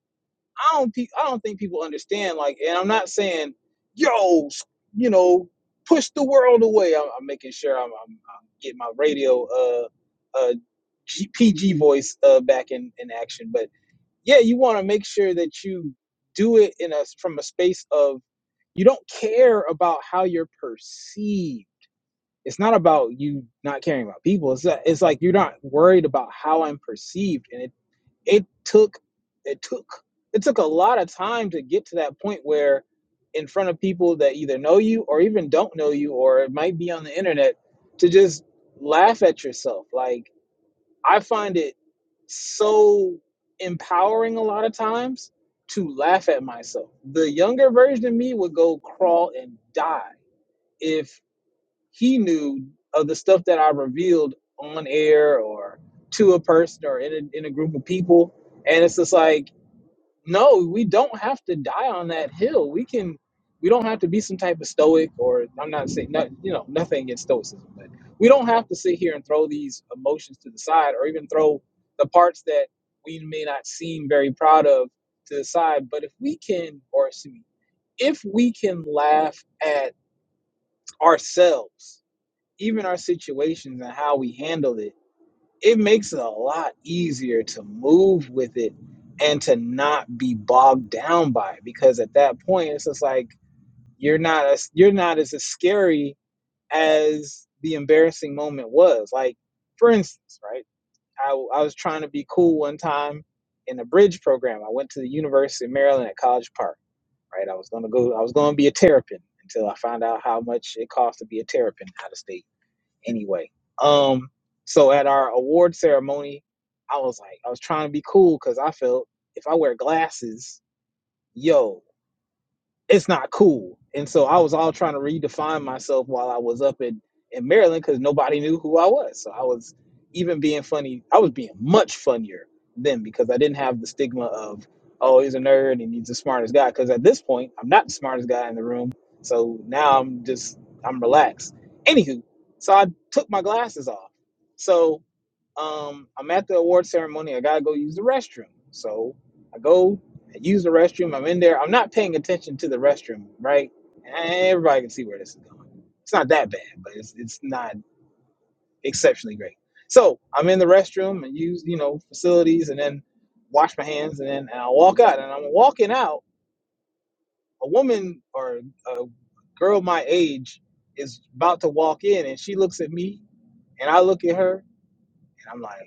Speaker 3: I don't pe- I don't think people understand. Like, and I'm not saying, yo, s- you know, push the world away. I'm, I'm making sure I'm, I'm, I'm getting my radio uh uh G- PG voice uh back in in action. But yeah, you want to make sure that you do it in a from a space of you don't care about how you're perceived it's not about you not caring about people. It's that, it's like you're not worried about how I'm perceived, and it it took it took it took a lot of time to get to that point where, in front of people that either know you or even don't know you, or it might be on the internet, to just laugh at yourself. Like I find it so empowering a lot of times to laugh at myself. The younger version of me would go crawl and die if he knew of the stuff that I revealed on air or to a person or in a, in a group of people. And it's just like, no, we don't have to die on that hill. We can, we don't have to be some type of stoic or I'm not saying, not, you know, nothing against stoicism, but we don't have to sit here and throw these emotions to the side or even throw the parts that we may not seem very proud of to the side. But if we can, or excuse me, if we can laugh at ourselves even our situations and how we handle it, it makes it a lot easier to move with it and to not be bogged down by it. Because at that point, it's just like you're not as you're not as scary as the embarrassing moment was. Like, for instance, right? I I was trying to be cool one time in a bridge program. I went to the University of Maryland at College Park. Right, I was gonna go. I was gonna be a terrapin until I found out how much it cost to be a terrapin out of state anyway. Um, so at our award ceremony, I was like, I was trying to be cool because I felt if I wear glasses, yo, it's not cool. And so I was all trying to redefine myself while I was up in, in Maryland because nobody knew who I was. So I was even being funny. I was being much funnier then because I didn't have the stigma of, oh, he's a nerd and he's the smartest guy. Because at this point, I'm not the smartest guy in the room. So now I'm just, I'm relaxed. Anywho, so I took my glasses off. So um, I'm at the award ceremony. I gotta go use the restroom. So I go, I use the restroom. I'm in there. I'm not paying attention to the restroom, right? And everybody can see where this is going. It's not that bad, but it's it's not exceptionally great. So I'm in the restroom and use you know facilities, and then wash my hands, and then and I walk out. And I'm walking out. A woman or a girl my age is about to walk in, and she looks at me, and I look at her, and I'm like.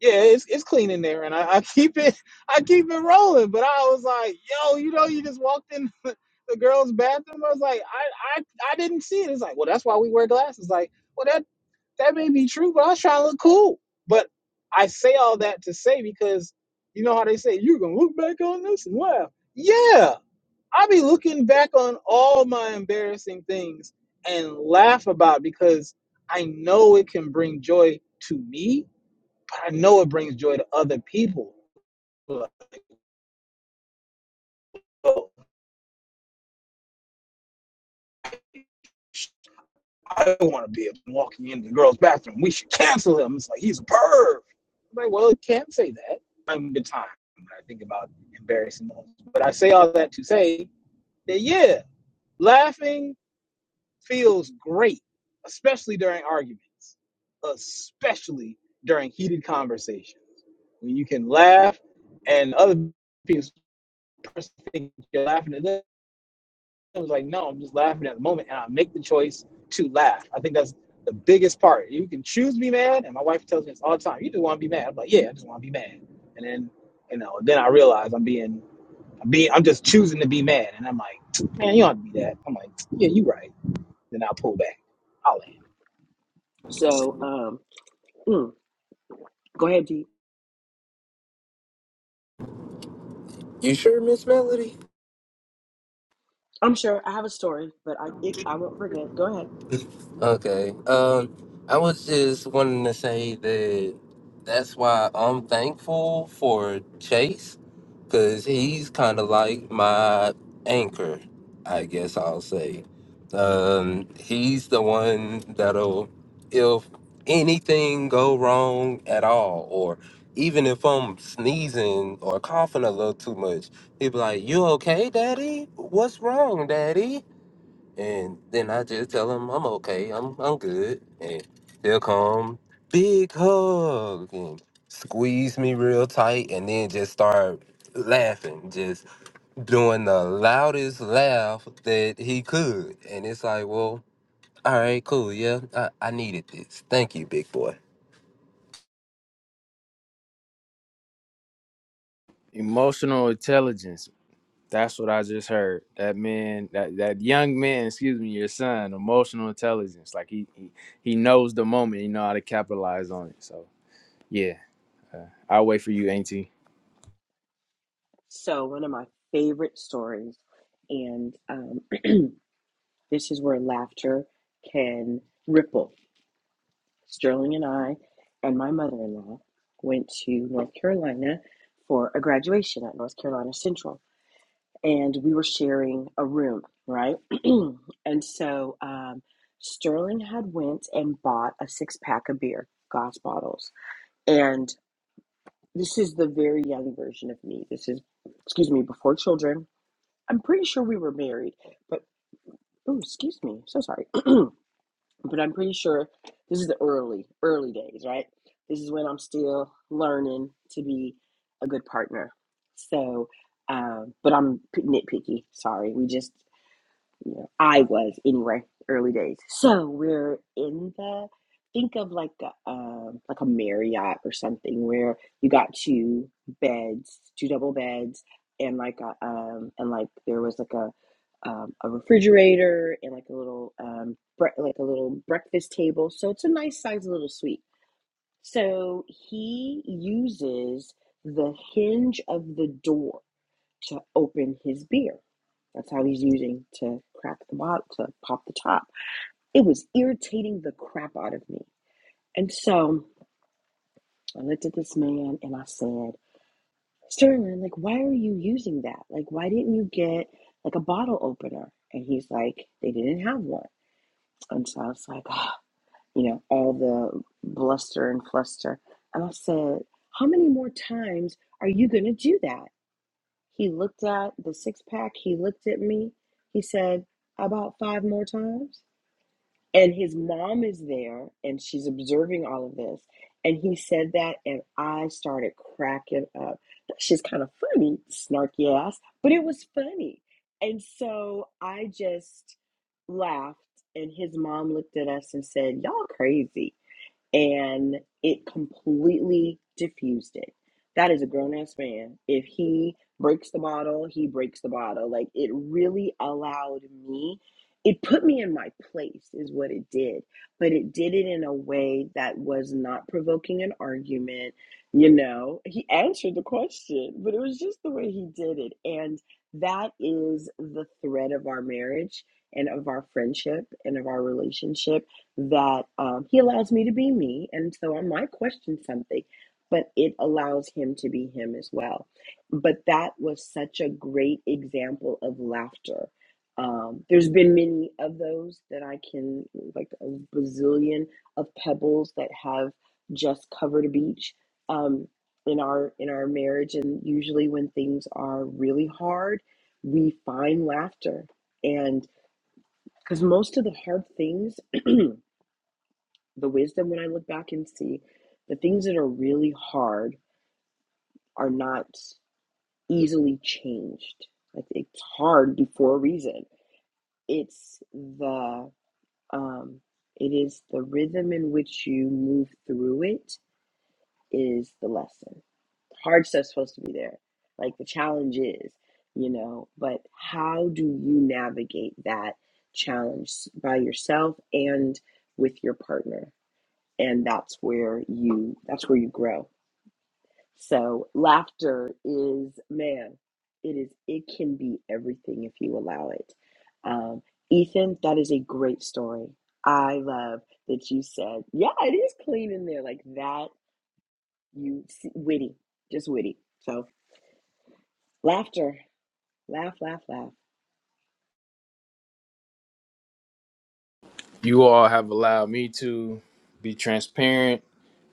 Speaker 3: yeah, it's it's clean in there, and I, I keep it I keep it rolling. But I was like, yo, you know, you just walked in the, girls' bathroom. I was like, I, I I didn't see it. It's like, well, that's why we wear glasses. Like, well, that that may be true, but I was trying to look cool. But I say all that to say because you know how they say you're gonna look back on this and laugh. Yeah, I will be looking back on all my embarrassing things and laugh about because I know it can bring joy to me but I know it brings joy to other people. Like, oh, I don't want to be walking into the girl's bathroom. We should cancel him. It's like he's a perv. I'm like, well, it can't say that. I'm the time when I think about embarrassing moments. But I say all that to say that yeah, laughing feels great, especially during arguments, especially during heated conversation when you can laugh and other people person think you're laughing at them It was like, no, I'm just laughing at the moment, and I make the choice to laugh. I think that's the biggest part. You can choose to be mad, and my wife tells me this all the time. You just want to be mad. I'm like, yeah, I just want to be mad. And then, you know, then I realize I'm being, I'm being, I'm just choosing to be mad, and I'm like, man, you don't have to be that. I'm like, yeah, you right. Then I pull back. I'll land.
Speaker 5: So, um, mm, go ahead, Dee.
Speaker 4: You sure, Miss Melody?
Speaker 5: I'm sure I have a story, but I it, I won't forget. Go ahead.
Speaker 4: Okay. Um, I was just wanting to say that that's why I'm thankful for Chase, because he's kind of like my anchor, I guess I'll say. Um, he's the one that'll, if anything go wrong at all, or even if I'm sneezing or coughing a little too much, he'll be like, "You okay, Daddy? What's wrong, Daddy?" And then I just tell him I'm okay, I'm I'm good. And they'll come big hug and squeeze me real tight and then just start laughing, just doing the loudest laugh that he could. And it's like, well, all right, cool, yeah. I, I needed this. Thank you, big boy.
Speaker 1: emotional intelligence That's what I just heard. That man, that that young man, excuse me, your son, emotional intelligence. Like he he, he knows the moment. He know how to capitalize on it. So yeah, uh, I'll wait for you, Auntie.
Speaker 5: So, one of my favorite stories, and um, this is where laughter can ripple. Sterling and I, and my mother in law, went to North Carolina for a graduation at North Carolina Central, and we were sharing a room, right? and so, um, Sterling had went and bought a six pack of beer, glass bottles, and this is the very young version of me. This is, excuse me, before children I'm pretty sure we were married, but oh, excuse me, so sorry. but I'm pretty sure this is the early, early days, right? This is when I'm still learning to be a good partner. So, um, but I'm p- nitpicky. Sorry, we just you know, I was anyway, early days. So we're in the think of like a um, like a Marriott or something where you got two beds, two double beds, and like a um and like there was like a um, a refrigerator and like a little um bre- like a little breakfast table. So it's a nice sized little suite. So he uses the hinge of the door to open his beer. That's how he's using to crack the bottle, to pop the top. It was irritating the crap out of me. And so I looked at this man and I said, Sterling, like, why are you using that? Like, why didn't you get like a bottle opener? And he's like, they didn't have one. And so I was like, ah, you know, all the bluster and fluster. And I said, how many more times are you going to do that? He looked at the six pack. He looked at me. He said, About five more times. And his mom is there and she's observing all of this. And he said that, and I started cracking up. That's just kind of funny, snarky ass, but it was funny. And so I just laughed, and his mom looked at us and said, Y'all crazy and it completely diffused it. That is a grown ass man. If he breaks the bottle, he breaks the bottle. Like it really allowed me, it put me in my place, is what it did. But it did it in a way that was not provoking an argument. You know, he answered the question, but it was just the way he did it. And that is the thread of our marriage and of our friendship and of our relationship that um, he allows me to be me. And so I might question something, but it allows him to be him as well. But that was such a great example of laughter. Um, there's been many of those that I can, like a bazillion of pebbles that have just covered a beach um, in our in our marriage. And usually, when things are really hard, we find laughter, and because most of the hard things the wisdom when I look back and see the things that are really hard are not easily changed. Like it's hard before a reason. It's the um it is the rhythm in which you move through it is the lesson. Hard stuff's supposed to be there. Like the challenge is, you know, but how do you navigate that challenge by yourself and with your partner? and that's where you that's where you grow so laughter is man it is it can be everything if you allow it um, ethan that is a great story i love that you said yeah it is clean in there like that you see, witty just witty so laughter laugh laugh laugh
Speaker 1: You all have allowed me to be transparent,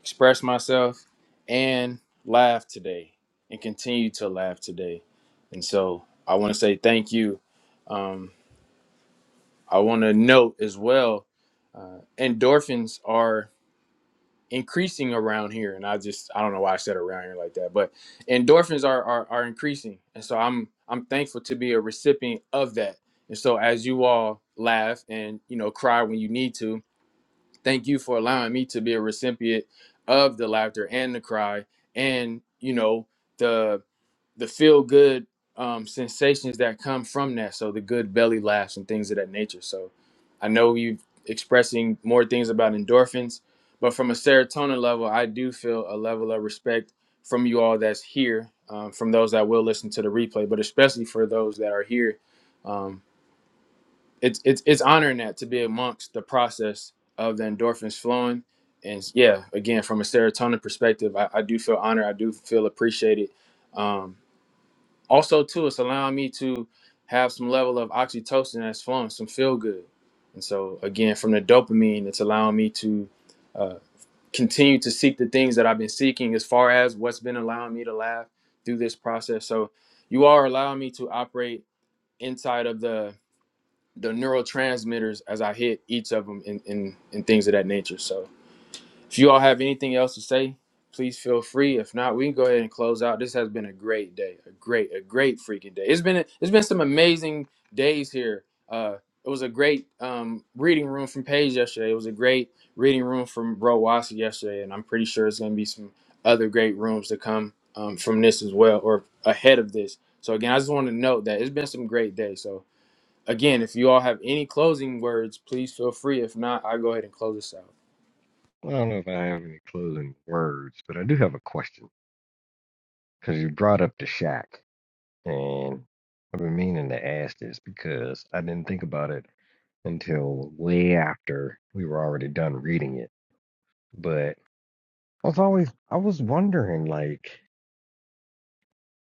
Speaker 1: express myself, and laugh today, and continue to laugh today. And so I want to say thank you. Um, I want to note as well, uh, endorphins are. increasing around here and i just i don't know why i said around here like that but endorphins are are, are increasing and so i'm i'm thankful to be a recipient of that and so as you all laugh and you know cry when you need to thank you for allowing me to be a recipient of the laughter and the cry and you know the the feel good um, sensations that come from that. So the good belly laughs and things of that nature. So I know you expressing more things about endorphins, but from a serotonin level, I do feel a level of respect from you all that's here, um, from those that will listen to the replay, but especially for those that are here. Um, it's, it's, it's honoring that to be amongst the process of the endorphins flowing. And yeah, again, from a serotonin perspective, I, I do feel honored. I do feel appreciated. Um, also, too, it's allowing me to have some level of oxytocin that's flowing, some feel good. And so, again, from the dopamine, it's allowing me to uh, continue to seek the things that I've been seeking as far as what's been allowing me to laugh through this process. So, you are allowing me to operate inside of the the neurotransmitters as I hit each of them and in, in, in things of that nature. So, if you all have anything else to say, please feel free. If not, we can go ahead and close out. This has been a great day, a great, a great freaking day. It's been it's been some amazing days here. Uh, it was a great um, reading room from Paige yesterday. It was a great reading room from Bro Wasi yesterday, and I'm pretty sure it's going to be some other great rooms to come um, from this as well, or ahead of this. So again, I just want to note that it's been some great days. So again, if you all have any closing words, please feel free. If not, I'll go ahead and close this out.
Speaker 2: Well, I don't know if I have any closing words, but I do have a question because you brought up the shack, and I've been meaning to ask this because I didn't think about it until way after we were already done reading it. But I was always I was wondering, like.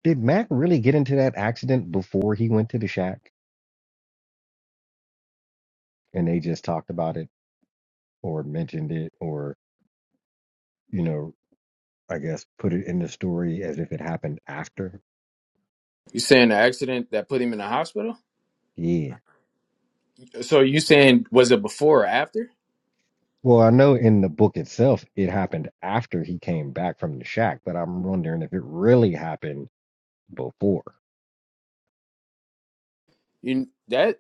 Speaker 2: Did Mac really get into that accident before he went to the shack and they just talked about it or mentioned it or, you know, I guess put it in the story as if it happened after?
Speaker 1: You saying the accident that put him in the hospital?
Speaker 2: Yeah.
Speaker 1: So you saying was it before or after?
Speaker 2: Well, I know in the book itself it happened after he came back from the shack, but I'm wondering if it really happened before.
Speaker 1: You that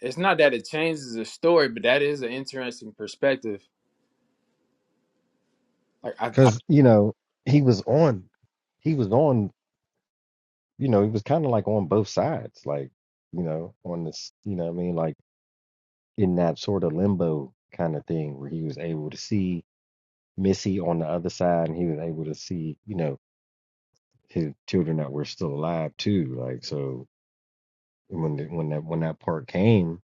Speaker 1: it's not that it changes the story, but that is an interesting perspective. Like I, I
Speaker 2: Cause, you know, he was on he was on, you know, he was kind of like on both sides, like, you know, on this, you know what I mean? Like in that sort of limbo kind of thing where he was able to see Missy on the other side and he was able to see, you know, his children that were still alive too. Like so when the, when that when that part came,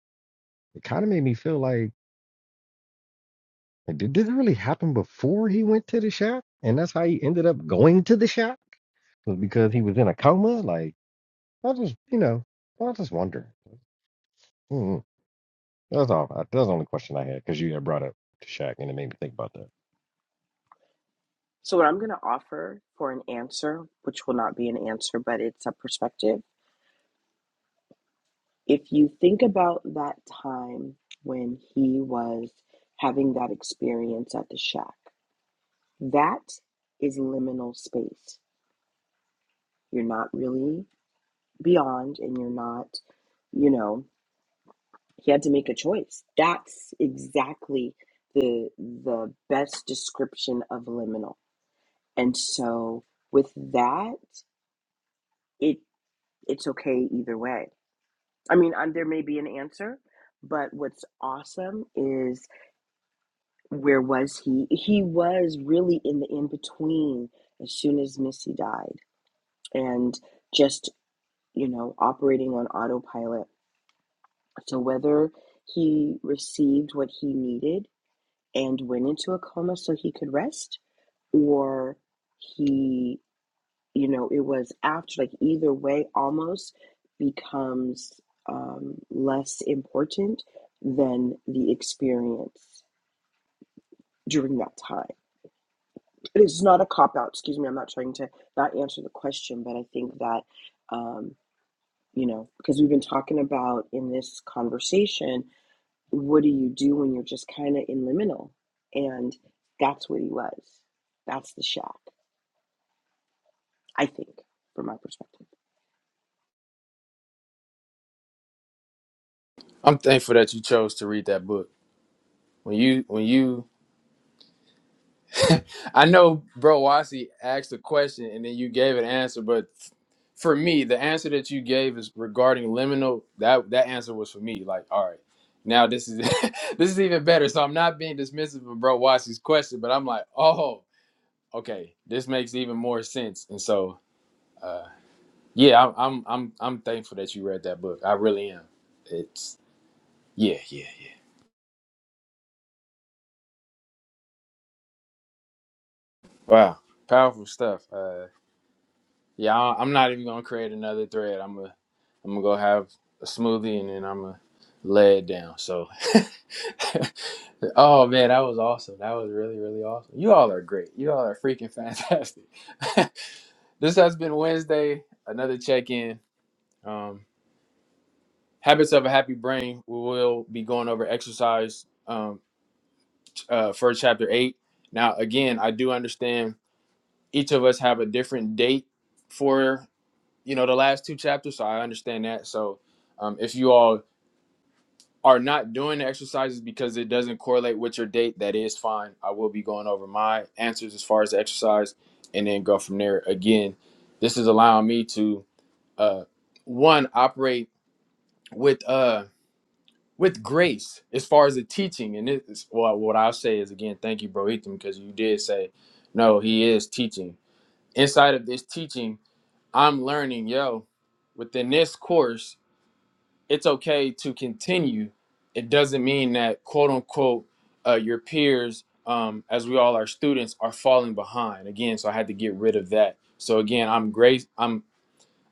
Speaker 2: it kind of made me feel like like, did this really happen before he went to the shack? And that's how he ended up going to the shack? Was because he was in a coma? Like I just you know, I just wonder. mm That's all. That's the only question I had because you had brought up the shack and it made me think about that.
Speaker 5: so what i'm going to offer for an answer which will not be an answer but it's a perspective If you think about that time when he was having that experience at the shack, that is liminal space. You're not really beyond and you're not, you know, he had to make a choice. That's exactly the the best description of liminal. And so with that, it it's okay either way. I mean, um, there may be an answer, but what's awesome is where was he? He was really in the in between as soon as Missy died and just, you know, operating on autopilot. So whether he received what he needed and went into a coma so he could rest, or he, you know, it was after, like either way almost becomes um, less important than the experience during that time It is not a cop out. Excuse me. I'm not trying to not answer the question, but I think that, um, you know, because we've been talking about in this conversation, what do you do when you're just kind of in liminal? And that's what he was. That's the shack, I think, from my perspective.
Speaker 1: I'm thankful that you chose to read that book. When you when you I know bro Wasi asked a question and then you gave an answer, but for me, the answer that you gave is regarding liminal. That that answer was for me. Like, all right, now this is this is even better. So I'm not being dismissive of bro Wasi's question, but I'm like, oh. Okay, this makes even more sense. And so, yeah, I'm I'm I'm I'm thankful that you read that book. I really am. It's yeah, yeah, yeah. Wow, powerful stuff. Uh, yeah, I- I'm not even gonna create another thread. I'm gonna I'm gonna go have a smoothie and then I'm gonna lay it down. So, oh man, that was awesome. That was really really awesome. You all are great. You all are freaking fantastic. this has been Wednesday. Another check in. Um. Habits of a Happy Brain. We will be going over exercise um, uh, for chapter eight. Now, again, I do understand each of us have a different date for you know the last two chapters, so I understand that. So, um, if you all are not doing the exercises because it doesn't correlate with your date, that is fine. I will be going over my answers as far as the exercise, and then go from there. Again, this is allowing me to uh, one operate with uh with grace as far as the teaching and it's well, what i'll say is again thank you bro ethan because you did say no he is teaching inside of this teaching i'm learning yo within this course it's okay to continue it doesn't mean that quote unquote uh, your peers um, as we all are students are falling behind again so i had to get rid of that so again i'm grace I'm.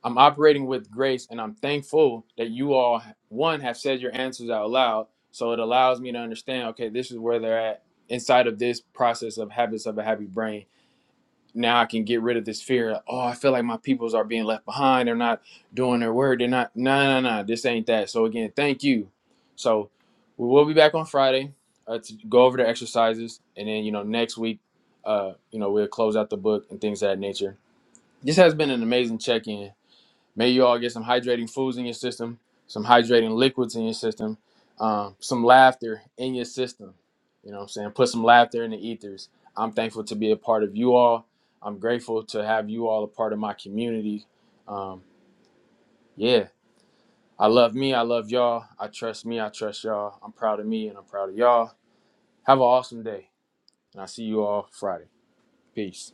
Speaker 1: I'm operating with grace and I'm thankful that you all, one, have said your answers out loud. So it allows me to understand, okay, this is where they're at inside of this process of habits of a happy brain. Now I can get rid of this fear. Of, oh, I feel like my peoples are being left behind. They're not doing their word. They're not, No, no, no. this ain't that. So again, thank you. So we will be back on Friday uh, to go over the exercises. And then, you know, next week, uh, you know, we'll close out the book and things of that nature. This has been an amazing check in May you all get some hydrating foods in your system, some hydrating liquids in your system, um, some laughter in your system. You know what I'm saying? Put some laughter in the ethers. I'm thankful to be a part of you all. I'm grateful to have you all a part of my community. Um, yeah, I love me. I love y'all. I trust me. I trust y'all. I'm proud of me and I'm proud of y'all. Have an awesome day. And I will see you all Friday. Peace.